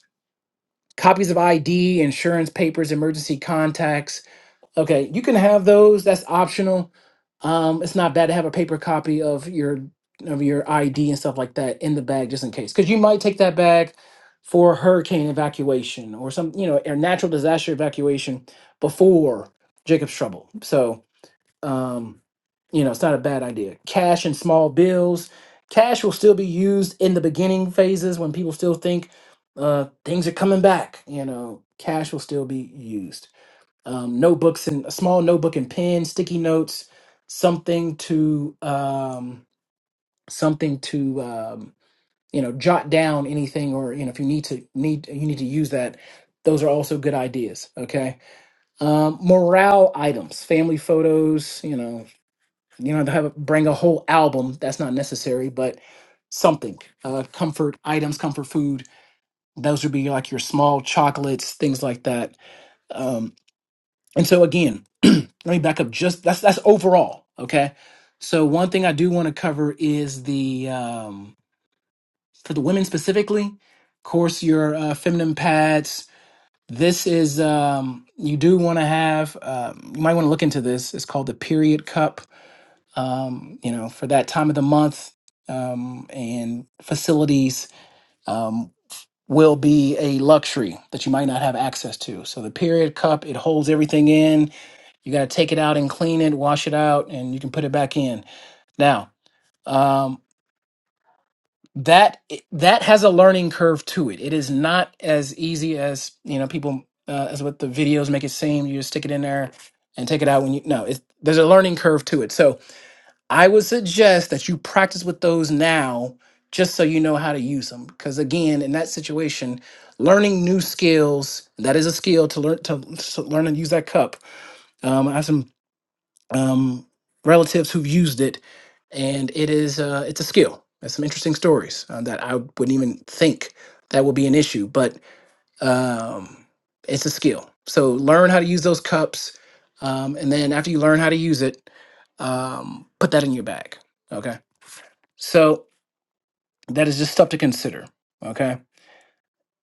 copies of ID, insurance papers, emergency contacts Okay, you can have those. That's optional. Um, it's not bad to have a paper copy of your of your ID and stuff like that in the bag just in case, because you might take that bag for hurricane evacuation or some you know or natural disaster evacuation before Jacob's trouble. So um, you know it's not a bad idea. Cash and small bills. Cash will still be used in the beginning phases when people still think uh, things are coming back. You know, cash will still be used um, notebooks and a small notebook and pen, sticky notes, something to um, something to um, you know jot down anything or you know if you need to need you need to use that. Those are also good ideas. Okay, um, morale items, family photos. You know, you know to have a, bring a whole album. That's not necessary, but something uh, comfort items, comfort food. Those would be like your small chocolates, things like that Um, And so again, let me back up just that's that's overall, okay? So one thing I do want to cover is the um for the women specifically, of course your uh, feminine pads. This is um you do want to have um, you might want to look into this. It's called the period cup. Um, you know, for that time of the month um and facilities um will be a luxury that you might not have access to. So the period cup, it holds everything in you got to take it out and clean it, wash it out, and you can put it back in. Now, um, that that has a learning curve to it. It is not as easy as you know people uh, as what the videos make it seem. You just stick it in there and take it out when you no. It's, there's a learning curve to it. So I would suggest that you practice with those now, just so you know how to use them. Because again, in that situation, learning new skills that is a skill to learn to, to learn and use that cup. Um, I have some um, relatives who've used it, and it is uh, it's a skill. There's some interesting stories uh, that I wouldn't even think that would be an issue, but um, it's a skill. So learn how to use those cups, um, and then after you learn how to use it, um, put that in your bag. Okay, so that is just stuff to consider. Okay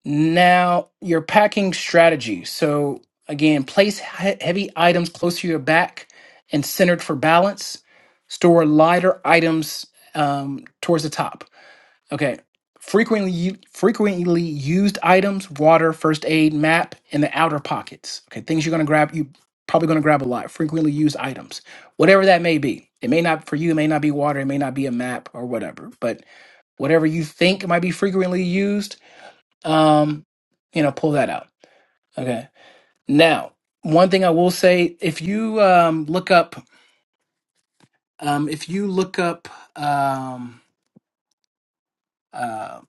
now, your packing strategy. So, again, place he- heavy items close to your back and centered for balance. Store lighter items um, towards the top. Okay. Frequently, u- frequently used items, water, first aid, map, in the outer pockets. Okay, things you're gonna grab, you probably gonna grab a lot. Frequently used items, whatever that may be. It may not for you, it may not be water, it may not be a map or whatever. But whatever you think might be frequently used, um, you know, pull that out. Okay. Now, one thing I will say, if you um, look up, um, if you look up um, uh,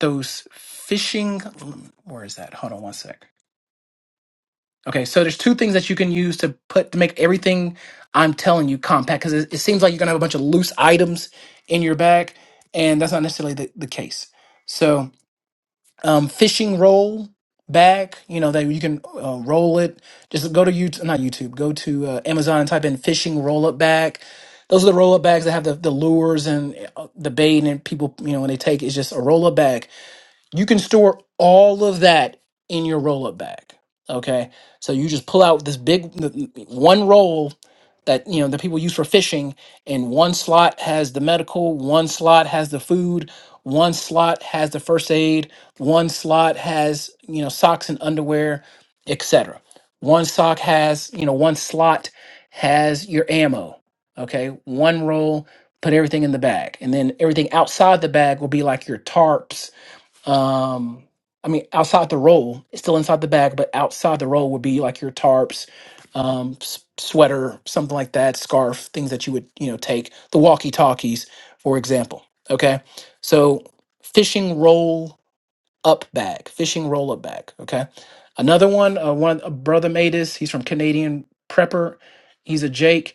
those phishing, where is that? Hold on one sec. Okay, so there's two things that you can use to put to make everything I'm telling you compact because it, it seems like you're gonna have a bunch of loose items in your bag, and that's not necessarily the, the case. So um, fishing roll bag. You know that you can uh, roll it. Just go to YouTube, not YouTube. Go to uh, Amazon and type in fishing roll up bag. Those are the roll up bags that have the, the lures and uh, the bait and people. You know when they take it, it's just a roll up bag you can store all of that in your roll up bag. Okay. So you just pull out this big n- n- one roll that, you know, that people use for fishing, and one slot has the medical, one slot has the food, one slot has the first aid, one slot has, you know, socks and underwear, etc. One sock has, you know, one slot has your ammo. Okay. One roll, put everything in the bag. And then everything outside the bag will be like your tarps um, I mean, outside the roll, it's still inside the bag, but outside the roll would be like your tarps, um, s- sweater, something like that, scarf, things that you would you know take. The walkie talkies, for example. Okay, so fishing roll up bag, fishing roll up bag. Okay, another one. Uh, one a brother made this. He's from Canadian Prepper. He's a Jake.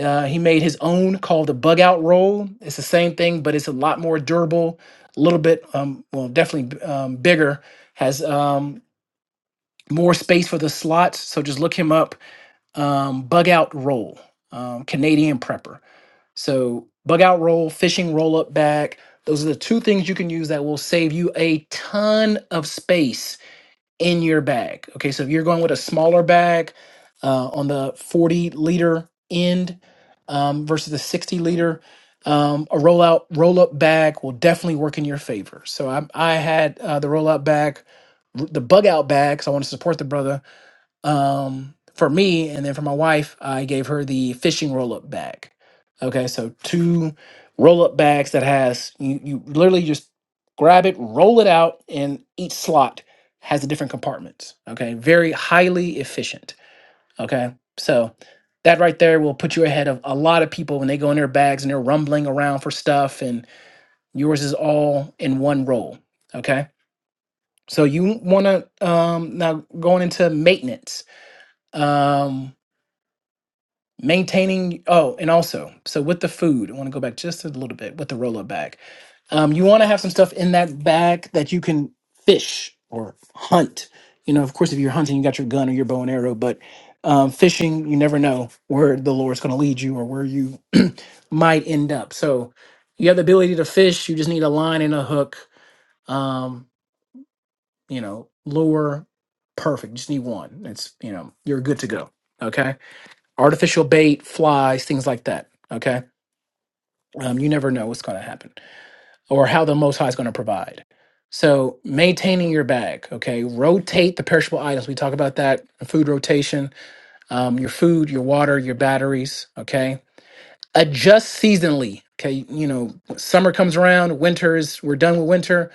Uh, he made his own called the bug out roll. It's the same thing, but it's a lot more durable, a little bit, um, well, definitely um, bigger, has um, more space for the slots. So just look him up. Um, bug out roll, um, Canadian prepper. So bug out roll, fishing roll up bag. Those are the two things you can use that will save you a ton of space in your bag. Okay, so if you're going with a smaller bag uh, on the 40 liter end um, versus the 60 liter, um, a roll out, roll up bag will definitely work in your favor. So I, I had uh, the roll up bag, r- the bug out bag, because I want to support the brother um, for me, and then for my wife, I gave her the fishing roll up bag. Okay, so two roll up bags that has you, you literally just grab it, roll it out, and each slot has the different compartments. Okay, very highly efficient. Okay, so that right there will put you ahead of a lot of people when they go in their bags and they're rumbling around for stuff, and yours is all in one roll. Okay, so you want to um, now going into maintenance. Um, maintaining oh and also so with the food i want to go back just a little bit with the roll up bag um, you want to have some stuff in that bag that you can fish or hunt you know of course if you're hunting you got your gun or your bow and arrow but um, fishing you never know where the lure is going to lead you or where you might end up so you have the ability to fish you just need a line and a hook um, you know lure perfect just need one it's you know you're good to go okay artificial bait, flies, things like that. Okay. Um, you never know what's going to happen or how the Most High is going to provide. So maintaining your bag, okay. Rotate the perishable items. We talk about that food rotation. Um, your food, your water, your batteries. Okay. Adjust seasonally. Okay. You know, summer comes around. Winter is we're done with winter.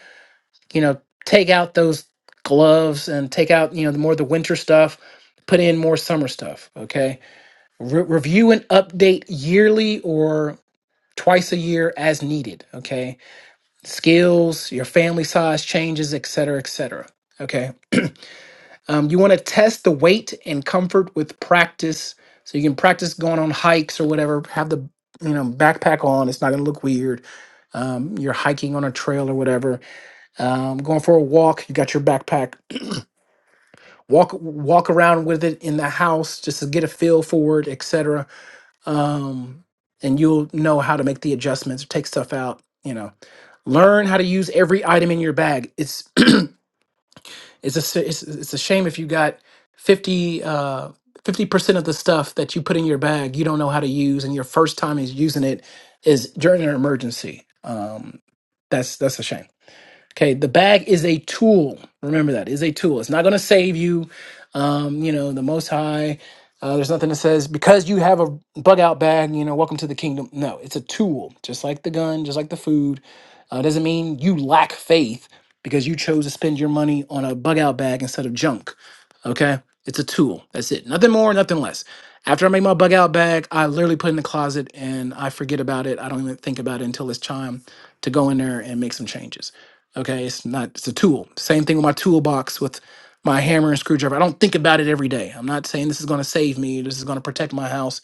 You know, take out those gloves and take out you know the more the winter stuff. Put in more summer stuff. Okay Re- review and update yearly or twice a year as needed. Okay. Skills, your family size changes, et cetera, et cetera. Okay. Um, you want to test the weight and comfort with practice. So you can practice going on hikes or whatever. Have the you know backpack on. It's not going to look weird. Um, you're hiking on a trail or whatever. Um, going for a walk. You got your backpack. Walk walk around with it in the house just to get a feel for it, etc um, and you'll know how to make the adjustments, take stuff out. You know, learn how to use every item in your bag. It's it's a s- it's, it's a shame if you got fifty uh fifty percent of the stuff that you put in your bag you don't know how to use, and your first time is using it is during an emergency. Um, that's that's a shame. Okay, the bag is a tool. Remember that is a tool. It's not going to save you. Um, you know, the Most High. Uh, there's nothing that says because you have a bug out bag. You know, welcome to the kingdom. No, it's a tool, just like the gun, just like the food. Uh, doesn't mean you lack faith because you chose to spend your money on a bug out bag instead of junk. Okay, it's a tool. That's it. Nothing more, nothing less. After I make my bug out bag, I literally put it in the closet and I forget about it. I don't even think about it until it's time to go in there and make some changes. Okay, it's not. It's a tool. Same thing with my toolbox with my hammer and screwdriver. I don't think about it every day. I'm not saying this is going to save me. This is going to protect my house.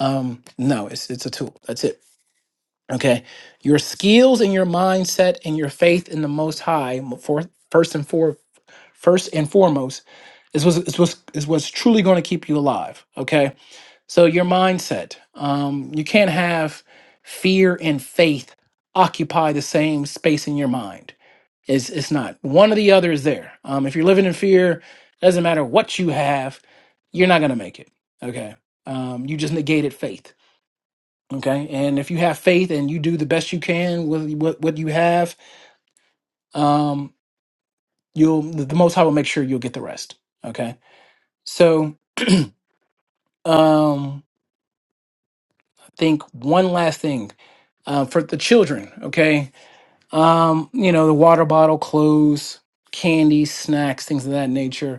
Um, no, it's it's a tool. That's it. Okay, your skills and your mindset and your faith in the Most High mo- for first and for first and foremost is what's is what's, is what's truly going to keep you alive. Okay, so your mindset. Um, you can't have fear and faith occupy the same space in your mind it's it's not. One or the other is there. Um, if you're living in fear, doesn't matter what you have, you're not gonna make it. Okay. Um, you just negated faith. Okay. And if you have faith and you do the best you can with what what you have, um, you'll the the most high will make sure you'll get the rest. Okay. So um I think one last thing uh, for the children, okay? Um, you know, the water bottle, clothes, candy, snacks, things of that nature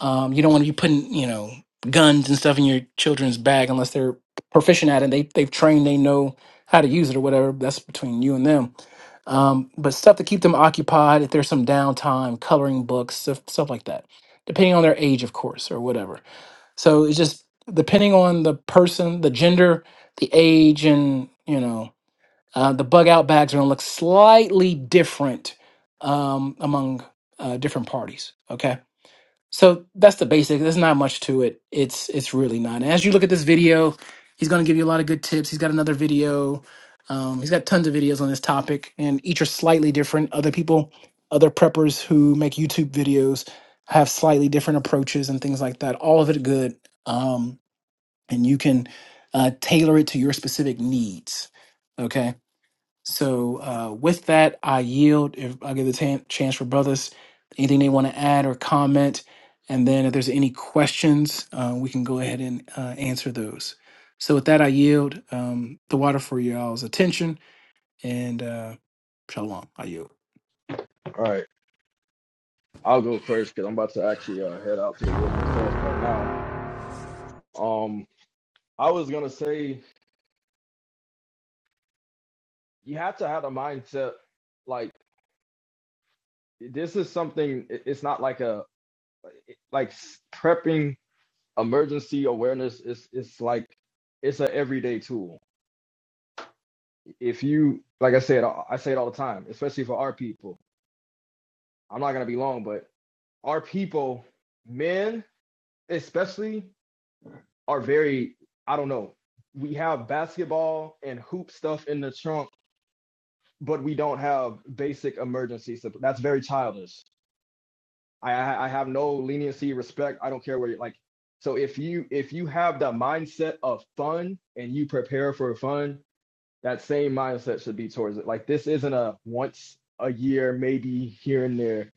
Um, you don't want to be putting, you know, guns and stuff in your children's bag unless they're proficient at it. They they've trained, they know how to use it or whatever. That's between you and them. Um, but stuff to keep them occupied if there's some downtime, coloring books, stuff, stuff like that, depending on their age, of course, or whatever. So it's just depending on the person, the gender, the age, and you know, uh, the bug out bags are gonna look slightly different um, among uh, different parties. Okay so that's the basic. There's not much to it. It's it's really not. And as you look at this video, he's going to give you a lot of good tips. He's got another video. Um, he's got tons of videos on this topic, and each are slightly different. Other people, other preppers who make YouTube videos, have slightly different approaches and things like that. All of it good, um, and you can uh, tailor it to your specific needs. Okay so uh, with that, I yield. If I give the tan- chance for brothers, anything they want to add or comment, and then if there's any questions, uh, we can go ahead and uh, answer those. So with that, I yield um, the water for y'all's attention and uh, shalom. I yield.
All right, I'll go first because I'm about to actually uh, head out to the woods myself right now. Um, I was gonna say you have to have the mindset like this is something. it- It's not like a like s- prepping emergency awareness. It's it's like it's an everyday tool. If you like, I say it. I say it all the time, especially for our people. I'm not gonna be long, but our people, men especially. are very, I don't know, we have basketball and hoop stuff in the trunk, but we don't have basic emergency support. That's very childish. I, I have no leniency, respect. I don't care where you like. So if you if you have the mindset of fun and you prepare for fun, that same mindset should be towards it. Like this isn't a once a year, maybe here and there.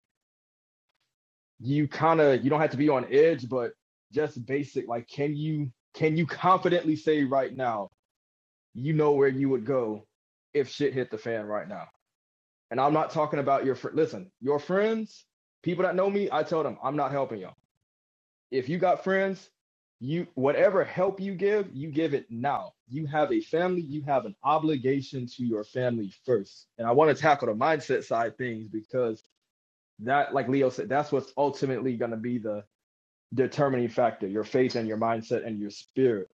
You kind of you don't have to be on edge, but just basic. Like, can you can you confidently say right now you know where you would go if shit hit the fan right now. And I'm not talking about your fr- listen, your friends, people that know me, I tell them I'm not helping y'all. If you got friends, you whatever help you give, you give it now. You have a family, you have an obligation to your family first. And I want to tackle the mindset side things because that like Leo said, that's what's ultimately going to be the determining factor, your faith and your mindset and your spirit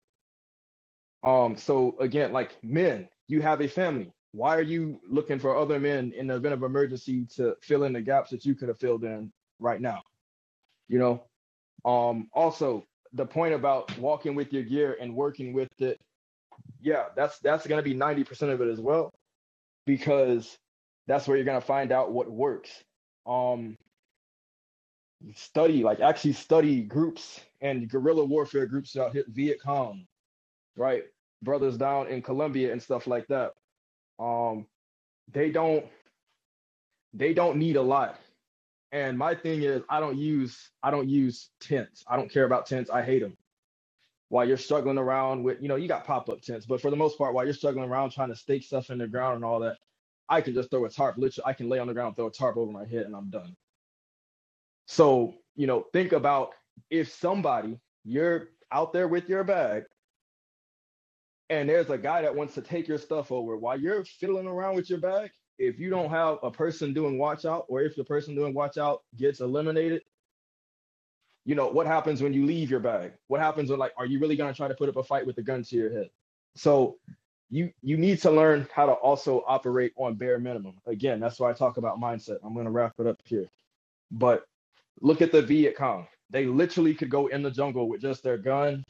Um, so again, like men, you have a family. Why are you looking for other men in the event of emergency to fill in the gaps that you could have filled in right now? You know, um, also the point about walking with your gear and working with it, yeah, that's that's gonna be 90% of it as well, because that's where you're gonna find out what works. Um, study, like actually study groups and guerrilla warfare groups out here, Viet Cong, right? Brothers down in Colombia and stuff like that. Um, they don't they don't need a lot. And my thing is I don't use I don't use tents. I don't care about tents. I hate them. While you're struggling around with you know you got pop up tents, but for the most part, while you're struggling around trying to stake stuff in the ground and all that, I can just throw a tarp. Literally, I can lay on the ground, throw a tarp over my head, and I'm done. So you know think about if somebody you're out there with your bag and there's a guy that wants to take your stuff over while you're fiddling around with your bag if you don't have a person doing watch out or if the person doing watch out gets eliminated you know what happens when you leave your bag what happens when like are you really going to try to put up a fight with a gun to your head so you you need to learn how to also operate on bare minimum again that's why i talk about mindset i'm going to wrap it up here but look at the viet cong they literally could go in the jungle with just their gun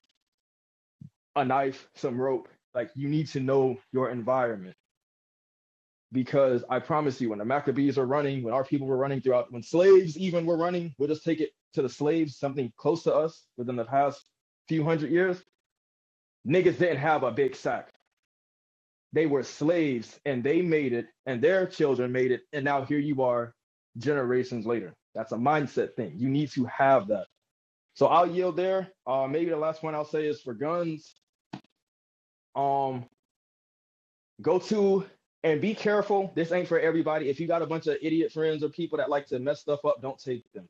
a knife some rope like you need to know your environment because I promise you, when the Maccabees are running, when our people were running throughout, when slaves even were running, we'll just take it to the slaves, something close to us within the past few hundred years. Niggas didn't have a big sack. They were slaves and they made it and their children made it. And now here you are generations later. That's a mindset thing. You need to have that. So I'll yield there. Uh, maybe the last one I'll say is for guns. Um, go to and be careful. This ain't for everybody. If you got a bunch of idiot friends or people that like to mess stuff up, don't take them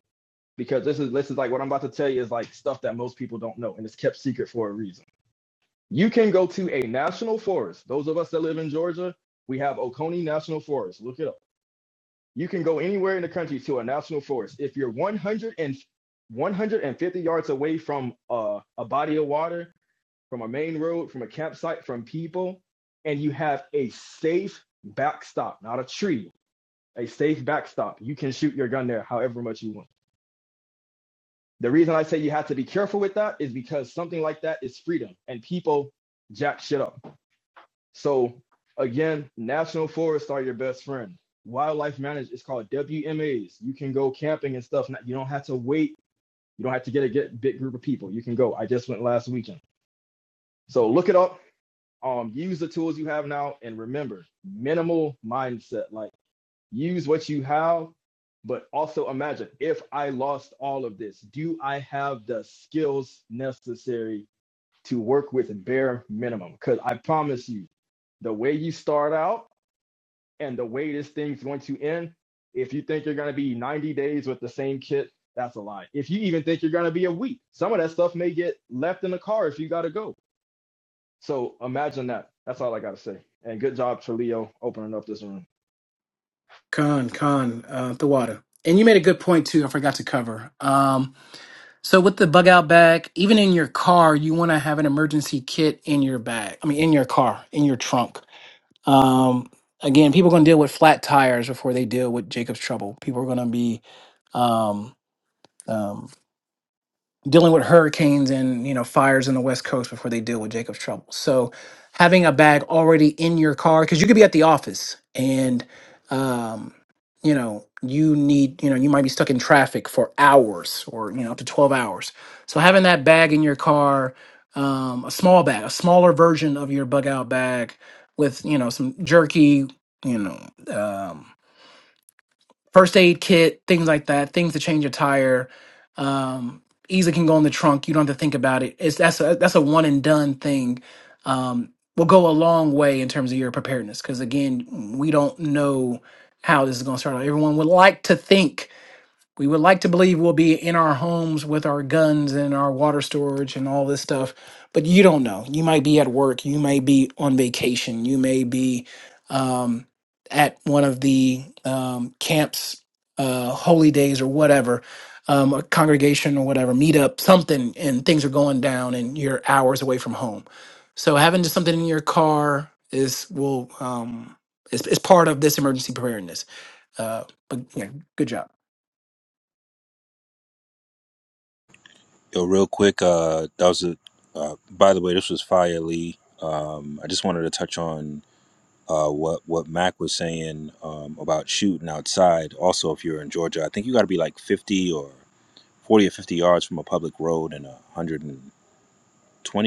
because this is this is like what I'm about to tell you is like stuff that most people don't know and it's kept secret for a reason. You can go to a national forest. Those of us that live in Georgia, we have Oconee National Forest. Look it up. You can go anywhere in the country to a national forest. If you're 100 and 150 yards away from uh, a body of water, from a main road, from a campsite, from people, and you have a safe backstop, not a tree, a safe backstop. You can shoot your gun there however much you want. The reason I say you have to be careful with that is because something like that is freedom and people jack shit up. So again, national forests are your best friend. Wildlife management is called WMAs. You can go camping and stuff. You don't have to wait. You don't have to get a get, big group of people. You can go. I just went last weekend. So look it up um use the tools you have now and remember minimal mindset like use what you have but also imagine if i lost all of this do i have the skills necessary to work with bare minimum because i promise you the way you start out and the way this thing's going to end if you think you're going to be 90 days with the same kit that's a lie if you even think you're going to be a week some of that stuff may get left in the car if you got to go so imagine that. That's all I gotta say. And good job to opening up this room.
Khan, Khan, uh, the water. And you made a good point too. I forgot to cover. Um, so with the bug out bag, even in your car, you want to have an emergency kit in your bag. I mean, in your car, in your trunk Um, again, people are going to deal with flat tires before they deal with Jacob's trouble. People are going to be um, um, dealing with hurricanes and you know fires in the west coast before they deal with jacob's trouble so having a bag already in your car because you could be at the office and um you know you need you know you might be stuck in traffic for hours or you know up to 12 hours so having that bag in your car um a small bag a smaller version of your bug out bag with you know some jerky you know um first aid kit, things like that, things to change a tire. Um, easily can go in the trunk. You don't have to think about it. It's that's a, that's a one and done thing. Um, will go a long way in terms of your preparedness because again, we don't know how this is going to start. out. Everyone would like to think we would like to believe we'll be in our homes with our guns and our water storage and all this stuff, but you don't know. You might be at work, you may be on vacation, you may be um, at one of the um, camps, uh, holy days or whatever, um, a congregation or whatever, meetup, something, and things are going down and you're hours away from home. So having just something in your car is will um, is, is part of this emergency preparedness. Uh, but yeah, good job.
Yo, real quick, uh, that was a. Uh, by the way, this was Fire Lee. Um, I just wanted to touch on uh, what what Mac was saying um, about shooting outside. Also, if you're in Georgia, I think you got to be like 50 or 40 or 50 yards from a public road and 120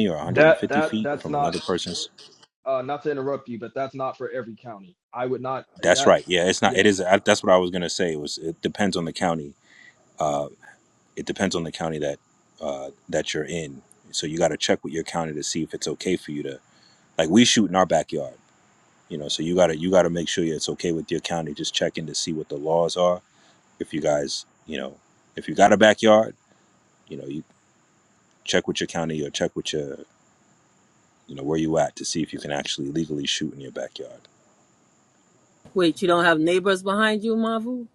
or
That
150
that
feet
that's
from
not
another person's.
uh not to interrupt you, but that's not for every county. I would not
That's
that
right. Yeah, it's not.
yeah.
It is. I, that's what I was gonna say. It was. It depends on the county. Uh, it depends on the county that uh, that you're in. So you got to check with your county to see if it's okay for you to like we shoot in our backyard you know so you gotta you gotta make sure it's okay with your county just checking to see what the laws are if you guys you know if you got a backyard you know you check with your county or check with your you know where you at to see if you can actually legally shoot in your backyard
Wait, you don't have neighbors behind you, Mavu?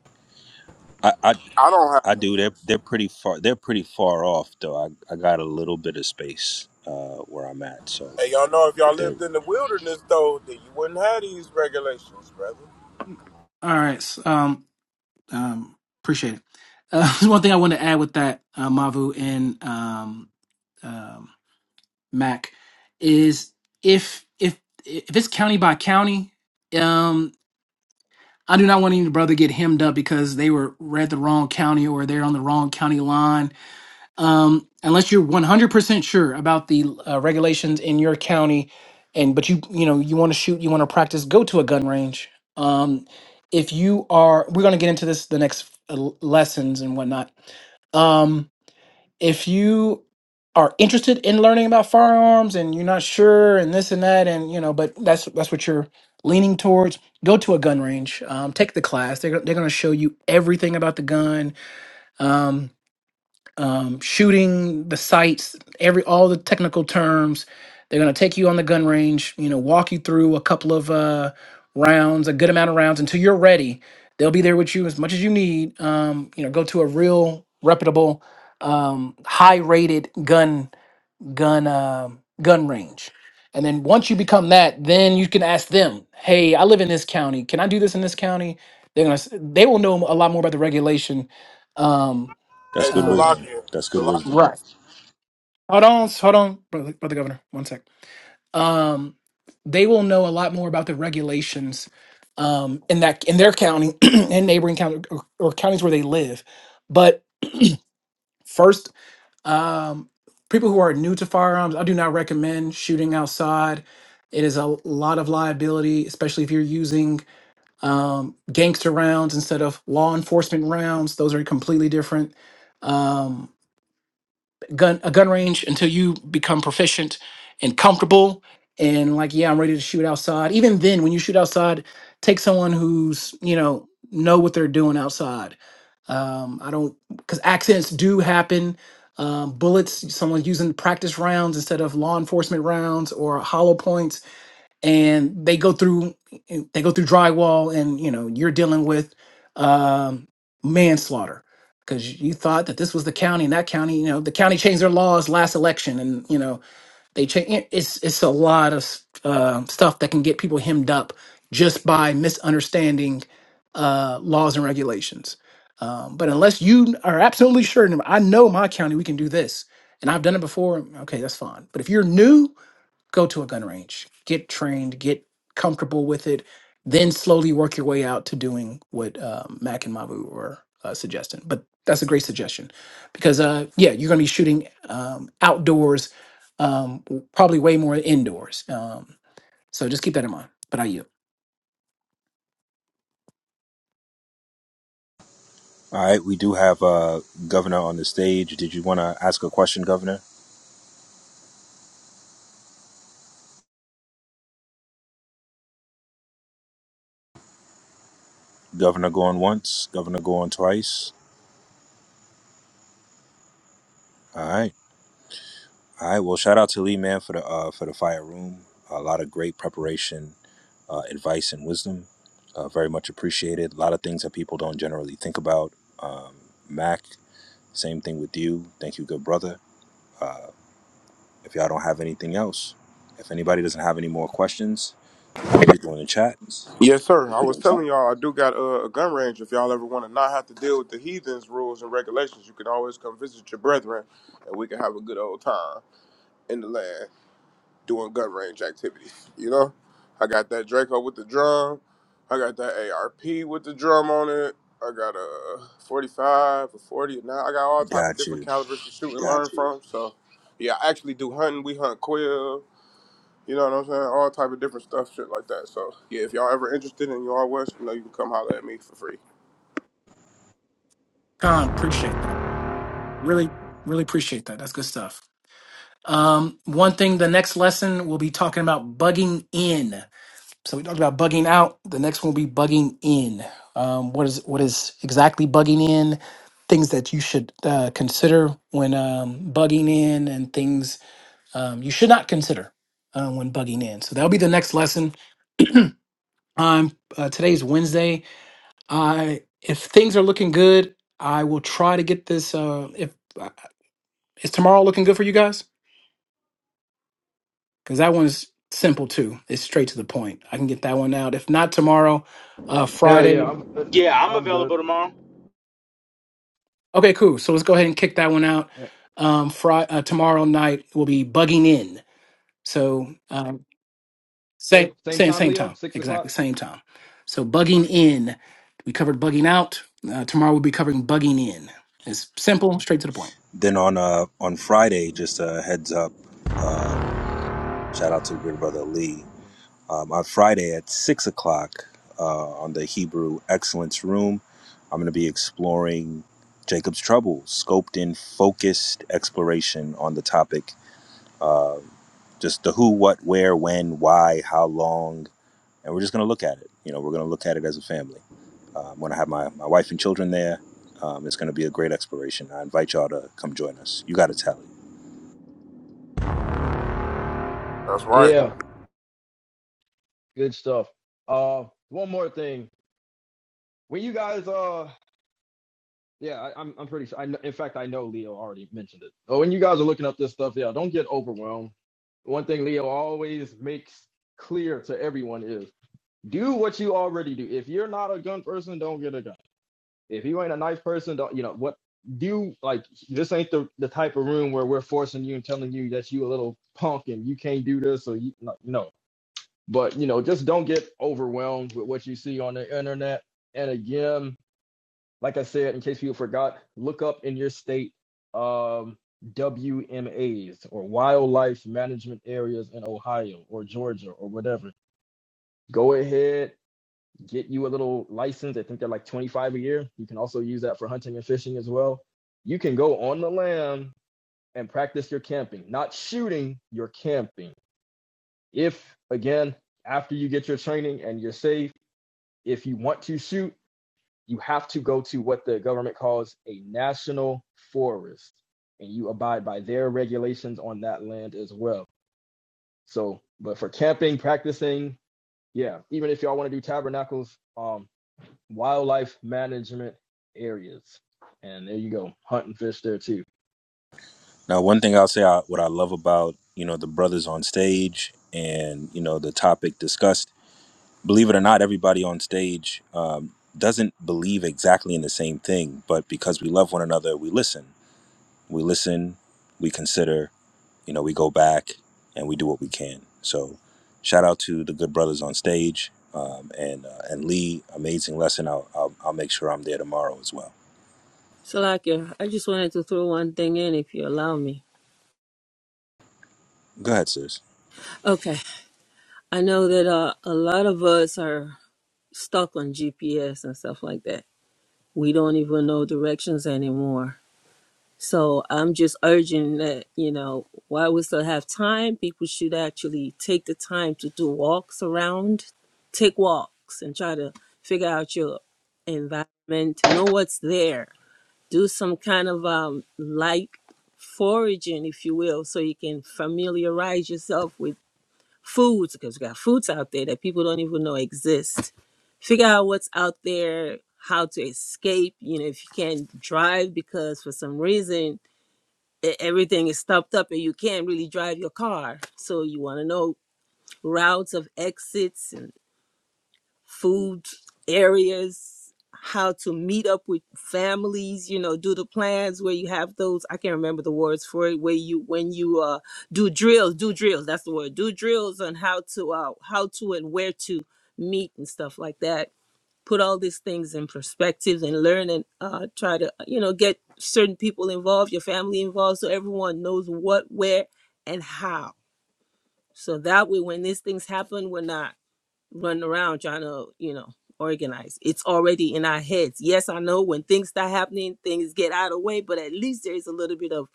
i i,
I don't have
I do they're
neighbors.
they're pretty far they're pretty far off though i, I got a little bit of space uh where i'm at so
Hey, y'all know if y'all
they're-
lived in the wilderness though, then you wouldn't have these regulations, brother.
All right. s- Um, um, appreciate it. Uh, there's one thing I want to add with that, uh, Mavu and um, um, Mac, is if if if it's county by county, um, I do not want any brother to get hemmed up because they were read the wrong county or they're on the wrong county line um, unless you're 100% sure about the uh, regulations in your county and but you you know you want to shoot you want to practice go to a gun range um, if you are we're going to get into this the next uh, l- lessons and whatnot um, if you are interested in learning about firearms and you're not sure and this and that and you know but that's that's what you're leaning towards go to a gun range um, take the class they're, go- they're going to show you everything about the gun Um, um, shooting the sights, every all the technical terms. They're going to take you on the gun range, you know, walk you through a couple of uh, rounds, a good amount of rounds until you're ready. They'll be there with you as much as you need. Um, you know, go to a real reputable, um, high-rated gun gun um gun range, and then once you become that, then you can ask them, "Hey, I live in this county. Can I do this in this county?" They're gonna s- they will know a lot more about the regulation. Um,
that's
Hey,
good
um,
wisdom
Salakia,
that's good
Salakia.
wisdom
right Hold on, hold on, brother, brother governor. One sec. Um, they will know a lot more about the regulations um, in that in their county and neighboring county or, or counties where they live. But first, um, people who are new to firearms, I do not recommend shooting outside. It is a lot of liability, especially if you're using um, gangster rounds instead of law enforcement rounds. Those are completely different. Um. gun a gun range until you become proficient and comfortable and like yeah i'm ready to shoot outside even then when you shoot outside take someone who's you know know what they're doing outside um i don't because accidents do happen um bullets someone's using practice rounds instead of law enforcement rounds or hollow points and they go through they go through drywall and you know you're dealing with um, manslaughter because you thought that this was the county and that county you know the county changed their laws last election and you know they change it's it's a lot of s- uh, stuff that can get people hemmed up just by misunderstanding uh, laws and regulations um, but unless you are absolutely sure "No, i know my county we can do this and i've done it before okay that's fine but if you're new go to a gun range, get trained, get comfortable with it, then slowly work your way out to doing what um, Mac and Mavu were uh, suggesting. But that's a great suggestion because, uh, yeah, you're going to be shooting um, outdoors, um, w- probably way more indoors. Um, so just keep that in mind. But I you,
all right we do have uh governor on the stage did you want to ask a question governor Governor going once, governor going twice. All right. All right. Well, shout out to Lee man for the uh, for the fire room. A lot of great preparation, uh, advice and wisdom. Uh, very much appreciated. A lot of things that people don't generally think about. Um, Mac, same thing with you. Thank you, good brother. If y'all don't have anything else, if anybody doesn't have any more questions, those people in the chat,
Yes, sir. I was telling y'all I do got uh, a gun range. If y'all ever want to not have to deal with the heathens' rules and regulations, you can always come visit your brethren, and we can have a good old time in the land. doing gun range activities. You know, I got that Draco with the drum. I got that ARP with the drum on it. I got a 45, a 40, and now I got all type of
got
different
you.
calibers to shoot and learn Got you. from. So, yeah, I actually do hunting. We hunt quail. You know what I'm saying? All type of different stuff, shit like that. So, yeah, if y'all ever interested in y'all west, you know you can come holler at me for free.
Con, appreciate that. Really, really appreciate that. That's good stuff. Um, one thing, the next lesson we'll be talking about bugging in. So we talked about bugging out. The next one will be bugging in. Um, what is what is exactly bugging in? Things that you should uh, consider when um, bugging in, and things um, you should not consider uh, when bugging in. So that'll be the next lesson. Um, uh, today's Wednesday. I if things are looking good, I will try to get this. Uh, if uh, is tomorrow looking good for you guys? Because that one's simple too. It's straight to the point. I can get that one out. If not tomorrow, uh,
Hell
Friday.
yeah, I'm good.
Yeah, I'm
I'm good.
available tomorrow.
Okay, cool. So let's go ahead and kick that one out.
Yeah.
Um, Friday, uh, tomorrow night will be bugging in. So um,
Same
same,
same
same,
time,
same
Leo,
time,
six o'clock.
exactly same time. So bugging in, we covered bugging
All right.
out. Uh, tomorrow we'll be covering bugging in. It's simple, straight to the point.
Then on uh on Friday, just a heads up. Uh, shout out to good brother Lee. um, on Friday at six o'clock uh, on the Hebrew Excellence Room. I'm going to be exploring Jacob's Trouble, scoped in focused exploration on the topic, uh, just the who, what, where, when, why, how long, and we're just going to look at it. You know, we're going to look at it as a family. Uh, I'm going to have my, my wife and children there. Um, it's going to be a great exploration. I invite y'all to come join us. You got to tally.
That's right.
Yeah, good stuff. Uh one more thing. When you guys uh yeah, I, I'm I'm pretty sure I kn- in fact I know Leo already mentioned it. Oh, when you guys are looking up this stuff, yeah, don't get overwhelmed. One thing Leo always makes clear to everyone is do what you already do. If you're not a gun person, don't get a gun. If you ain't a nice person, don't you know what do like this ain't the, the type of room where we're forcing you and telling you that you a little punk and you can't do this or you no, no. But you know, just don't get overwhelmed with what you see on the internet. And again, like I said, in case people forgot, look up in your state um WMAs or wildlife management areas in Ohio or Georgia or whatever. Go ahead get you a little license. I think they're like 25 a year. You can also use that for hunting and fishing as well. You can go on the land and practice your camping, not shooting, your camping. If, again, after you get your training and you're safe, if you want to shoot, you have to go to what the government calls a national forest and you abide by their regulations on that land as well. So, but for camping, practicing, yeah, even if y'all want to do tabernacles, um, wildlife management areas. And there you go, hunt and fish there too.
Now, one thing I'll say, I, what I love about you know the brothers on stage and you know the topic discussed. Believe it or not, everybody on stage um, doesn't believe exactly in the same thing, but because we love one another, we listen. We listen, we consider. You know, we go back and we do what we can. So, shout out to the good brothers on stage um, and uh, and Lee, amazing lesson. I'll, I'll I'll make sure I'm there tomorrow as well.
Salakia, I just wanted to throw one thing in if you allow me.
Go ahead, sis.
Okay, I know that uh, a lot of us are stuck on GPS and stuff like that. We don't even know directions anymore. So I'm just urging that, you know, while we still have time, people should actually take the time to do walks around, take walks and try to figure out your environment, know what's there do some kind of um, light foraging, if you will, so you can familiarize yourself with foods because we got foods out there that people don't even know exist. Figure out what's out there, how to escape. You know, if you can't drive because for some reason e- everything is stopped up and you can't really drive your car, so you want to know routes of exits food areas, how to meet up with families, you know, do the plans where you have those. I can't remember the words for it. Where you when you uh do drills, do drills. That's the word. Do drills on how to uh how to and where to meet and stuff like that. Put all these things in perspective and learn and uh, try to uh, you know get certain people involved, your family involved, so everyone knows what, where, and how. So that way, when these things happen, we're not running around trying to, you know, organize. It's already in our heads. Yes, I know when things start happening, things get out of the way, but at least there is a little bit of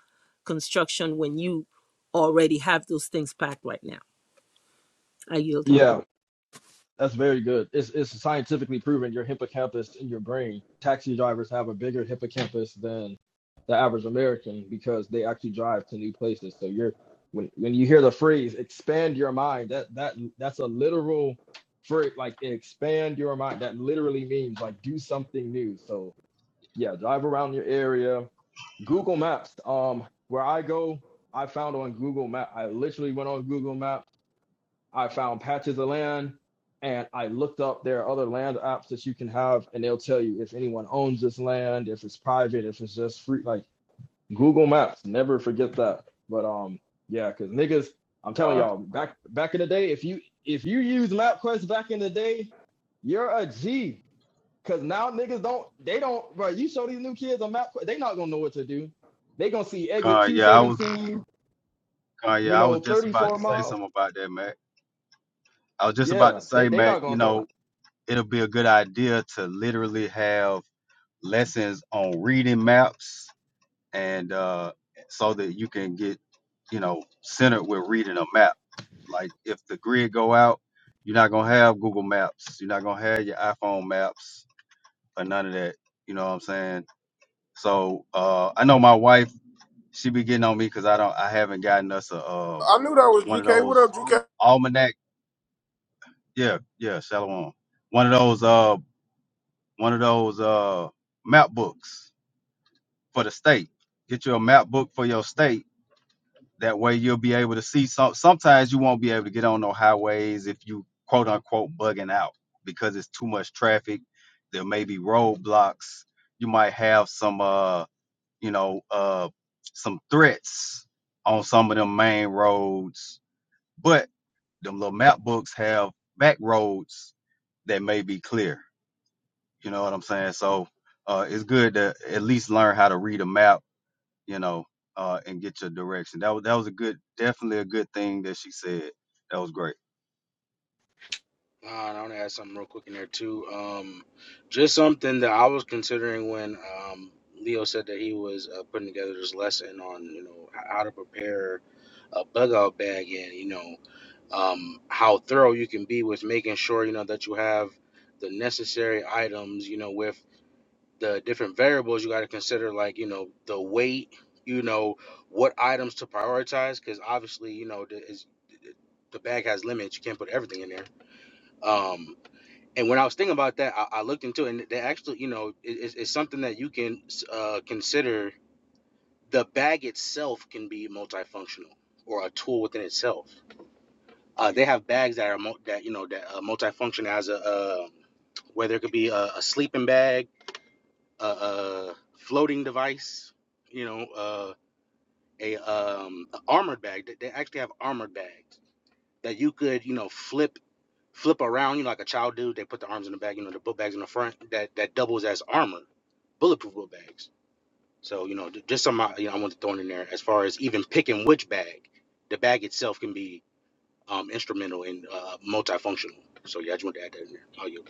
construction when you already have those things packed right now. I yield.
Yeah. That's very good. It's, it's scientifically proven your hippocampus in your brain. Taxi drivers have a bigger hippocampus than the average American because they actually drive to new places. So you're when when you hear the phrase expand your mind, that that that's a literal phrase like expand your mind. That literally means like do something new. So yeah, drive around your area, Google Maps. Um, where I go, I found on Google Map. I literally went on Google Map. I found patches of land, and I looked up there are other land apps that you can have, and they'll tell you if anyone owns this land, if it's private, if it's just free. Like Google Maps, never forget that. But um, yeah, cause niggas, I'm telling
God,
y'all, back back in the day, if you if you use MapQuest back in the day, you're a G. Cause now niggas don't they don't bro. You show these new kids on map, they not gonna know what to do. They gonna see exit
God,
two
yeah, I was,
seventeen,
God,
you
yeah, I
know,
was just
thirty
about
four
to say
miles.
something about that, Mac. I was just about
Yeah,
to
they
say,
they not
Mac, you
gonna know.
know, it'll be a good idea to literally have lessons on reading maps, and uh, so that you can get, you know, centered with reading a map. Like if the grid go out, you're not gonna have Google Maps, you're not gonna have your iPhone maps or none of that. You know what I'm saying? So uh, I know my wife, she be getting on me because I don't, I haven't gotten us a. um
I knew that was
one of
GK. What
those
up, GK?
almanac. Yeah, yeah, Shalom. One of those uh one of those uh map books for the state. Get you a map book for your state. That way you'll be able to see some sometimes you won't be able to get on no highways if you quote unquote bugging out because it's too much traffic. There may be roadblocks. You might have some uh you know uh some threats on some of them main roads. But them little map books have back roads that may be clear. You know what I'm saying? So uh, it's good to at least learn how to read a map, you know, uh, and get your direction. That was that was a good, definitely a good thing that she said. That was great.
Uh, and I want to add something real quick in there too. Um, just something that I was considering when um, Leo said that he was uh, putting together this lesson on you know h- how to prepare a bug out bag and you know um, how thorough you can be with making sure you know that you have the necessary items you know with the different variables you got to consider like you know the weight you know what items to prioritize because obviously you know the, is, the bag has limits you can't put everything in there Um, and when I was thinking about that, I, I looked into it, and they actually, you know, it, it's, it's something that you can uh, consider. The bag itself can be multifunctional or a tool within itself. Uh, they have bags that are mul- that you know that uh, multifunction as a uh, whether it could be a, a sleeping bag, a, a floating device, you know, uh, a um, a armored bag. They they actually have armored bags that you could, you know, flip flip around, you know, like a child dude. They put the arms in the bag, you know, the book bags in the front that that doubles as armor, bulletproof book bags. So you know, just some uh, you know, I want to throw in there as far as even picking which bag. The bag itself can be um, instrumental and uh, multifunctional. So yeah, I just want to add that in there. Oh, you.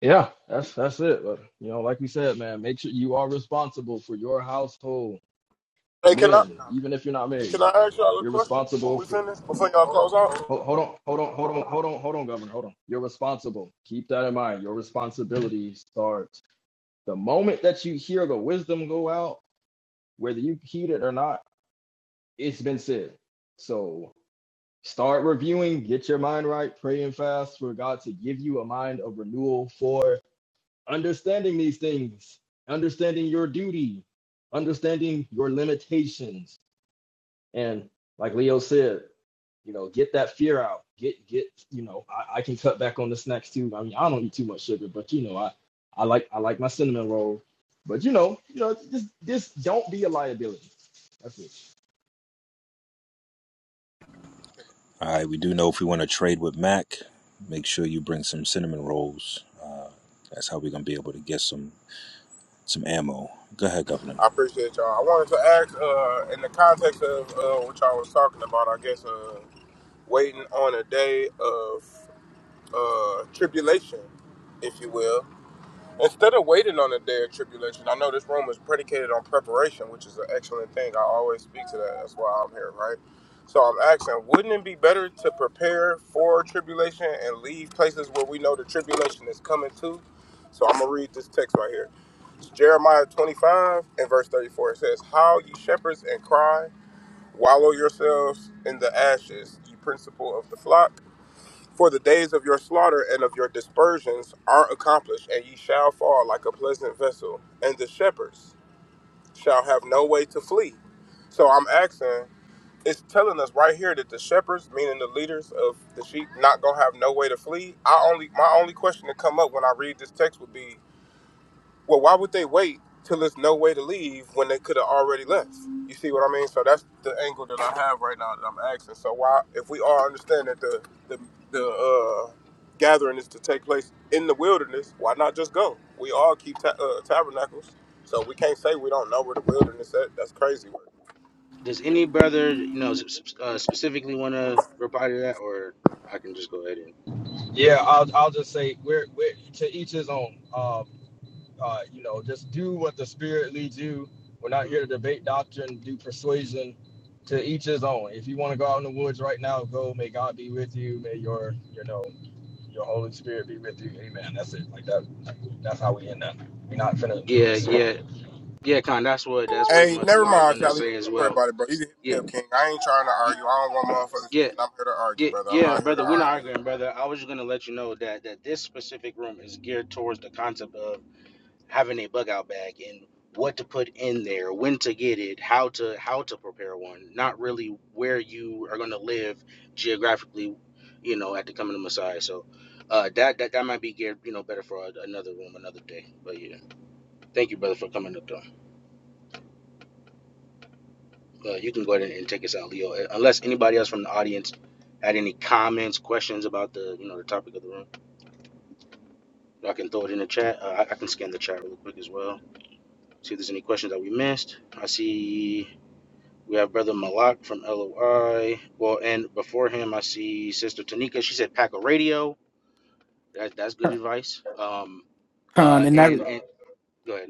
Yeah, that's that's it. But you know, like we said, man, make sure you are responsible for your household,
Hey, can I
men, even if you're not
can
married.
I ask y'all a
You're
question when
responsible
we
for.
finish before y'all close out?
Hold, hold on, hold on, hold on, hold on, hold on, Governor, hold on. You're responsible. Keep that in mind. Your responsibility starts the moment that you hear the wisdom go out, whether you heed it or not. it's been said. So start reviewing, get your mind right, pray and fast for God to give you a mind of renewal for understanding these things, understanding your duty, understanding your limitations. And like Leo said, you know, get that fear out. Get get, you know, I, I can cut back on the snacks too. I mean, I don't eat too much sugar, but you know, I, I like I like my cinnamon roll. But you know, you know, just just don't be a liability. That's it.
All right, we do know if we want to trade with Mac, make sure you bring some cinnamon rolls. Uh, that's how we're gonna be able to get some some ammo. Go ahead, Governor.
I appreciate y'all. I wanted to ask, uh, in the context of uh, what y'all was talking about, I guess uh, waiting on a day of uh, tribulation, if you will. Instead of waiting on the day of tribulation, I know this room is predicated on preparation, which is an excellent thing. I always speak to that. That's why I'm here, right? So I'm asking, wouldn't it be better to prepare for tribulation and leave places where we know the tribulation is coming to? So I'm going to read this text right here. It's Jeremiah 25 and verse 34. It says, How ye shepherds and cry, wallow yourselves in the ashes, ye principal of the flock. For the days of your slaughter and of your dispersions are accomplished, and ye shall fall like a pleasant vessel, and the shepherds shall have no way to flee. So I'm asking, it's telling us right here that the shepherds, meaning the leaders of the sheep, not gonna have no way to flee. I only my only question to come up when I read this text would be well, why would they wait till there's no way to leave when they could have already left? You see what I mean? So that's the angle that I have right now that I'm asking. So why, if we all understand that the the, the uh, gathering is to take place in the wilderness, why not just go? We all keep ta- uh, tabernacles, so we can't say we don't know where the wilderness is. That's crazy work.
Does any brother you know uh, specifically want to reply to that, or I can just go ahead and?
Yeah, I'll I'll just say we're we're to each his own. Um, uh, you know, just do what the spirit leads you. We're not here
Hmm.
to debate doctrine, do persuasion. To each his own. If you want to go out in the woods right now, go. May God be with you. May your you know your Holy Spirit be with you. Amen. That's it. Like that. That's how we end up. We're not finna do
Yeah,
this.
yeah, yeah, Con. That's what. That's pretty
Hey,
much
never
what I was
mind,
gonna
Charlie. Don't
say as
even worry
well.
about it, bro. You can hit
Yeah,
me up, King. I ain't trying to
yeah,
argue. I don't want motherfuckers
yeah,
thinking I'm here to argue,
Yeah,
brother. I'm
yeah,
not here to
brother, we're not
argue.
arguing, brother. I was just gonna let you know that that this specific room is geared towards the concept of having a bug out bag and what to put in there, when to get it, how to how to prepare one, not really where you are gonna live geographically, you know, at the coming of Messiah. So uh that that, that might be geared, you know, better for a- another room, another day. But yeah. Thank you, brother, for coming up though. Uh, you can go ahead and, and take us out, Leo. uh, Unless anybody else from the audience had any comments, questions about the you know the topic of the room. I can throw it in the chat. Uh, I, I can scan the chat real quick as well. See if there's any questions that we missed. I see we have Brother Malak from LOI. Well, and before him, I see Sister Tanika. She said pack a radio. That, that's good
Sure.
advice. Um,
Con
uh,
and that, you
and
know
and go ahead.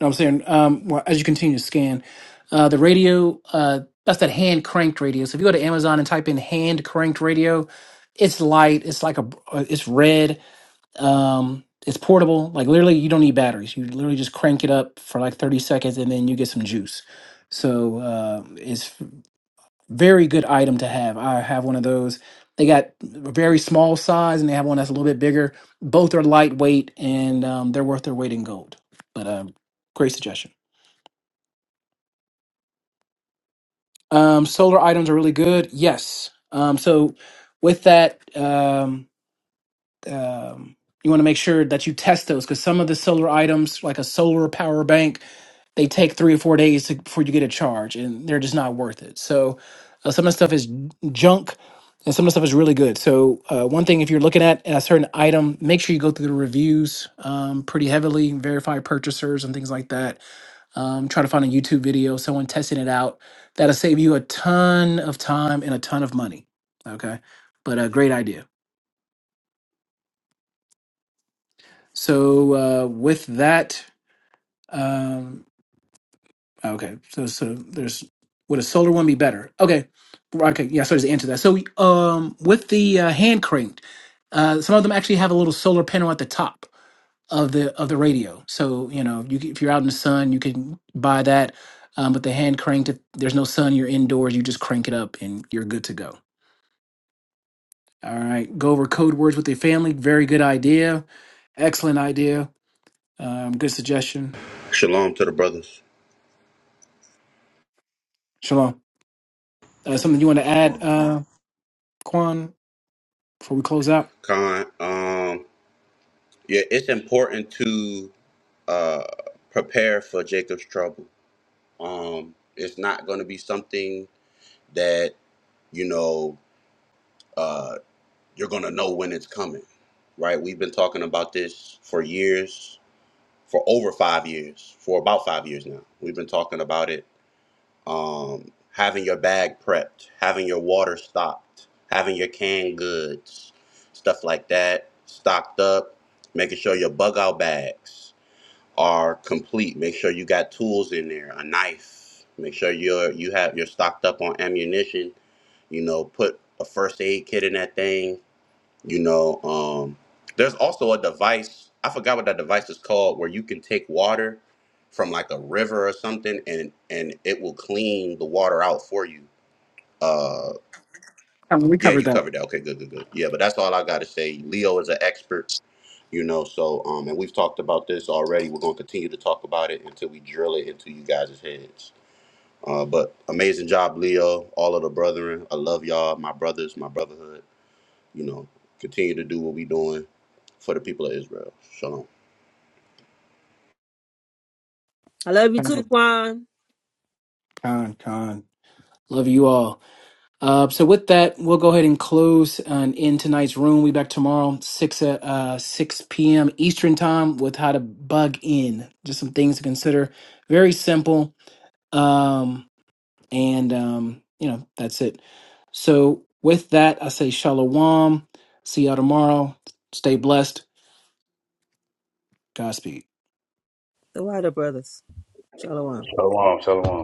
what I'm saying. Um, well, as you continue to scan, uh, the radio, uh, that's that hand cranked radio. So if you go to Amazon and type in hand cranked radio, it's light. It's like a, it's red Um, it's portable. Like literally, you don't need batteries. You literally just crank it up for like 30 seconds, and then you get some juice. So uh, it's f- very good item to have. I have one of those. They got a very small size, and they have one that's a little bit bigger. Both are lightweight, and um, they're worth their weight in gold. But um, great suggestion. Um, solar items are really good. Yes. Um, so with that. Um, um, you want to make sure that you test those because some of the solar items, like a solar power bank, they take three or four days to, before you get a charge, and they're just not worth it. So uh, some of the stuff is junk, and some of the stuff is really good. So uh, one thing, if you're looking at a certain item, make sure you go through the reviews um, pretty heavily, verify purchasers and things like that. Um, try to find a YouTube video, someone testing it out. That'll save you a ton of time and a ton of money. Okay, but a great idea. So uh, with that, um, okay. So so there's would a solar one be better? Okay, okay. Yeah, so just answer to that. So um, with the uh, hand cranked, uh, some of them actually have a little solar panel at the top of the of the radio. So you know, you, can- if you're out in the sun, you can buy that. Um, but the hand cranked, if there's no sun, you're indoors. You just crank it up, and you're good to go. All right, go over code words with your family. Very good idea. Excellent idea. Um, good suggestion.
Shalom to the brothers.
Shalom. Uh, something you want to add, uh, Quan, before we close out?
Khan, um, yeah, it's important to uh, prepare for Jacob's trouble. Um, it's not going to be something that, you know, uh, you're going to know when it's coming, right? We've been talking about this for years, for over five years, for about five years now. We've been talking about it um, having your bag prepped, having your water stocked, having your canned goods, stuff like that stocked up, making sure your bug out bags are complete. Make sure you got tools in there, a knife. Make sure you're you have you're stocked up on ammunition. You know, put a first aid kit in that thing you know, um, there's also a device. I forgot what that device is called, where you can take water from like a river or something, and and it will clean the water out for you. Uh,
I mean, we
yeah,
covered
you
that.
covered that. Okay, good, good, good. Yeah, but that's all I got to say. Leo is an expert, you know. So, um, and we've talked about this already. We're gonna continue to talk about it until we drill it into you guys' heads. Uh, but amazing job, Leo. All of the brethren. I love y'all, my brothers, my brotherhood. You know, continue to do what we doing for the people of Israel. Shalom.
I love you too, Kwan.
Con, con. Love you all. Uh, so with that, we'll go ahead and close and end tonight's room. We back tomorrow, six uh, uh, six p.m. Eastern time, with how to bug in. Just some things to consider. Very simple. Um, and um, you know that's it. So with that, I say shalom. See y'all tomorrow. Stay blessed. Godspeed.
The Wider Brothers. Shalom.
Shalom, shalom.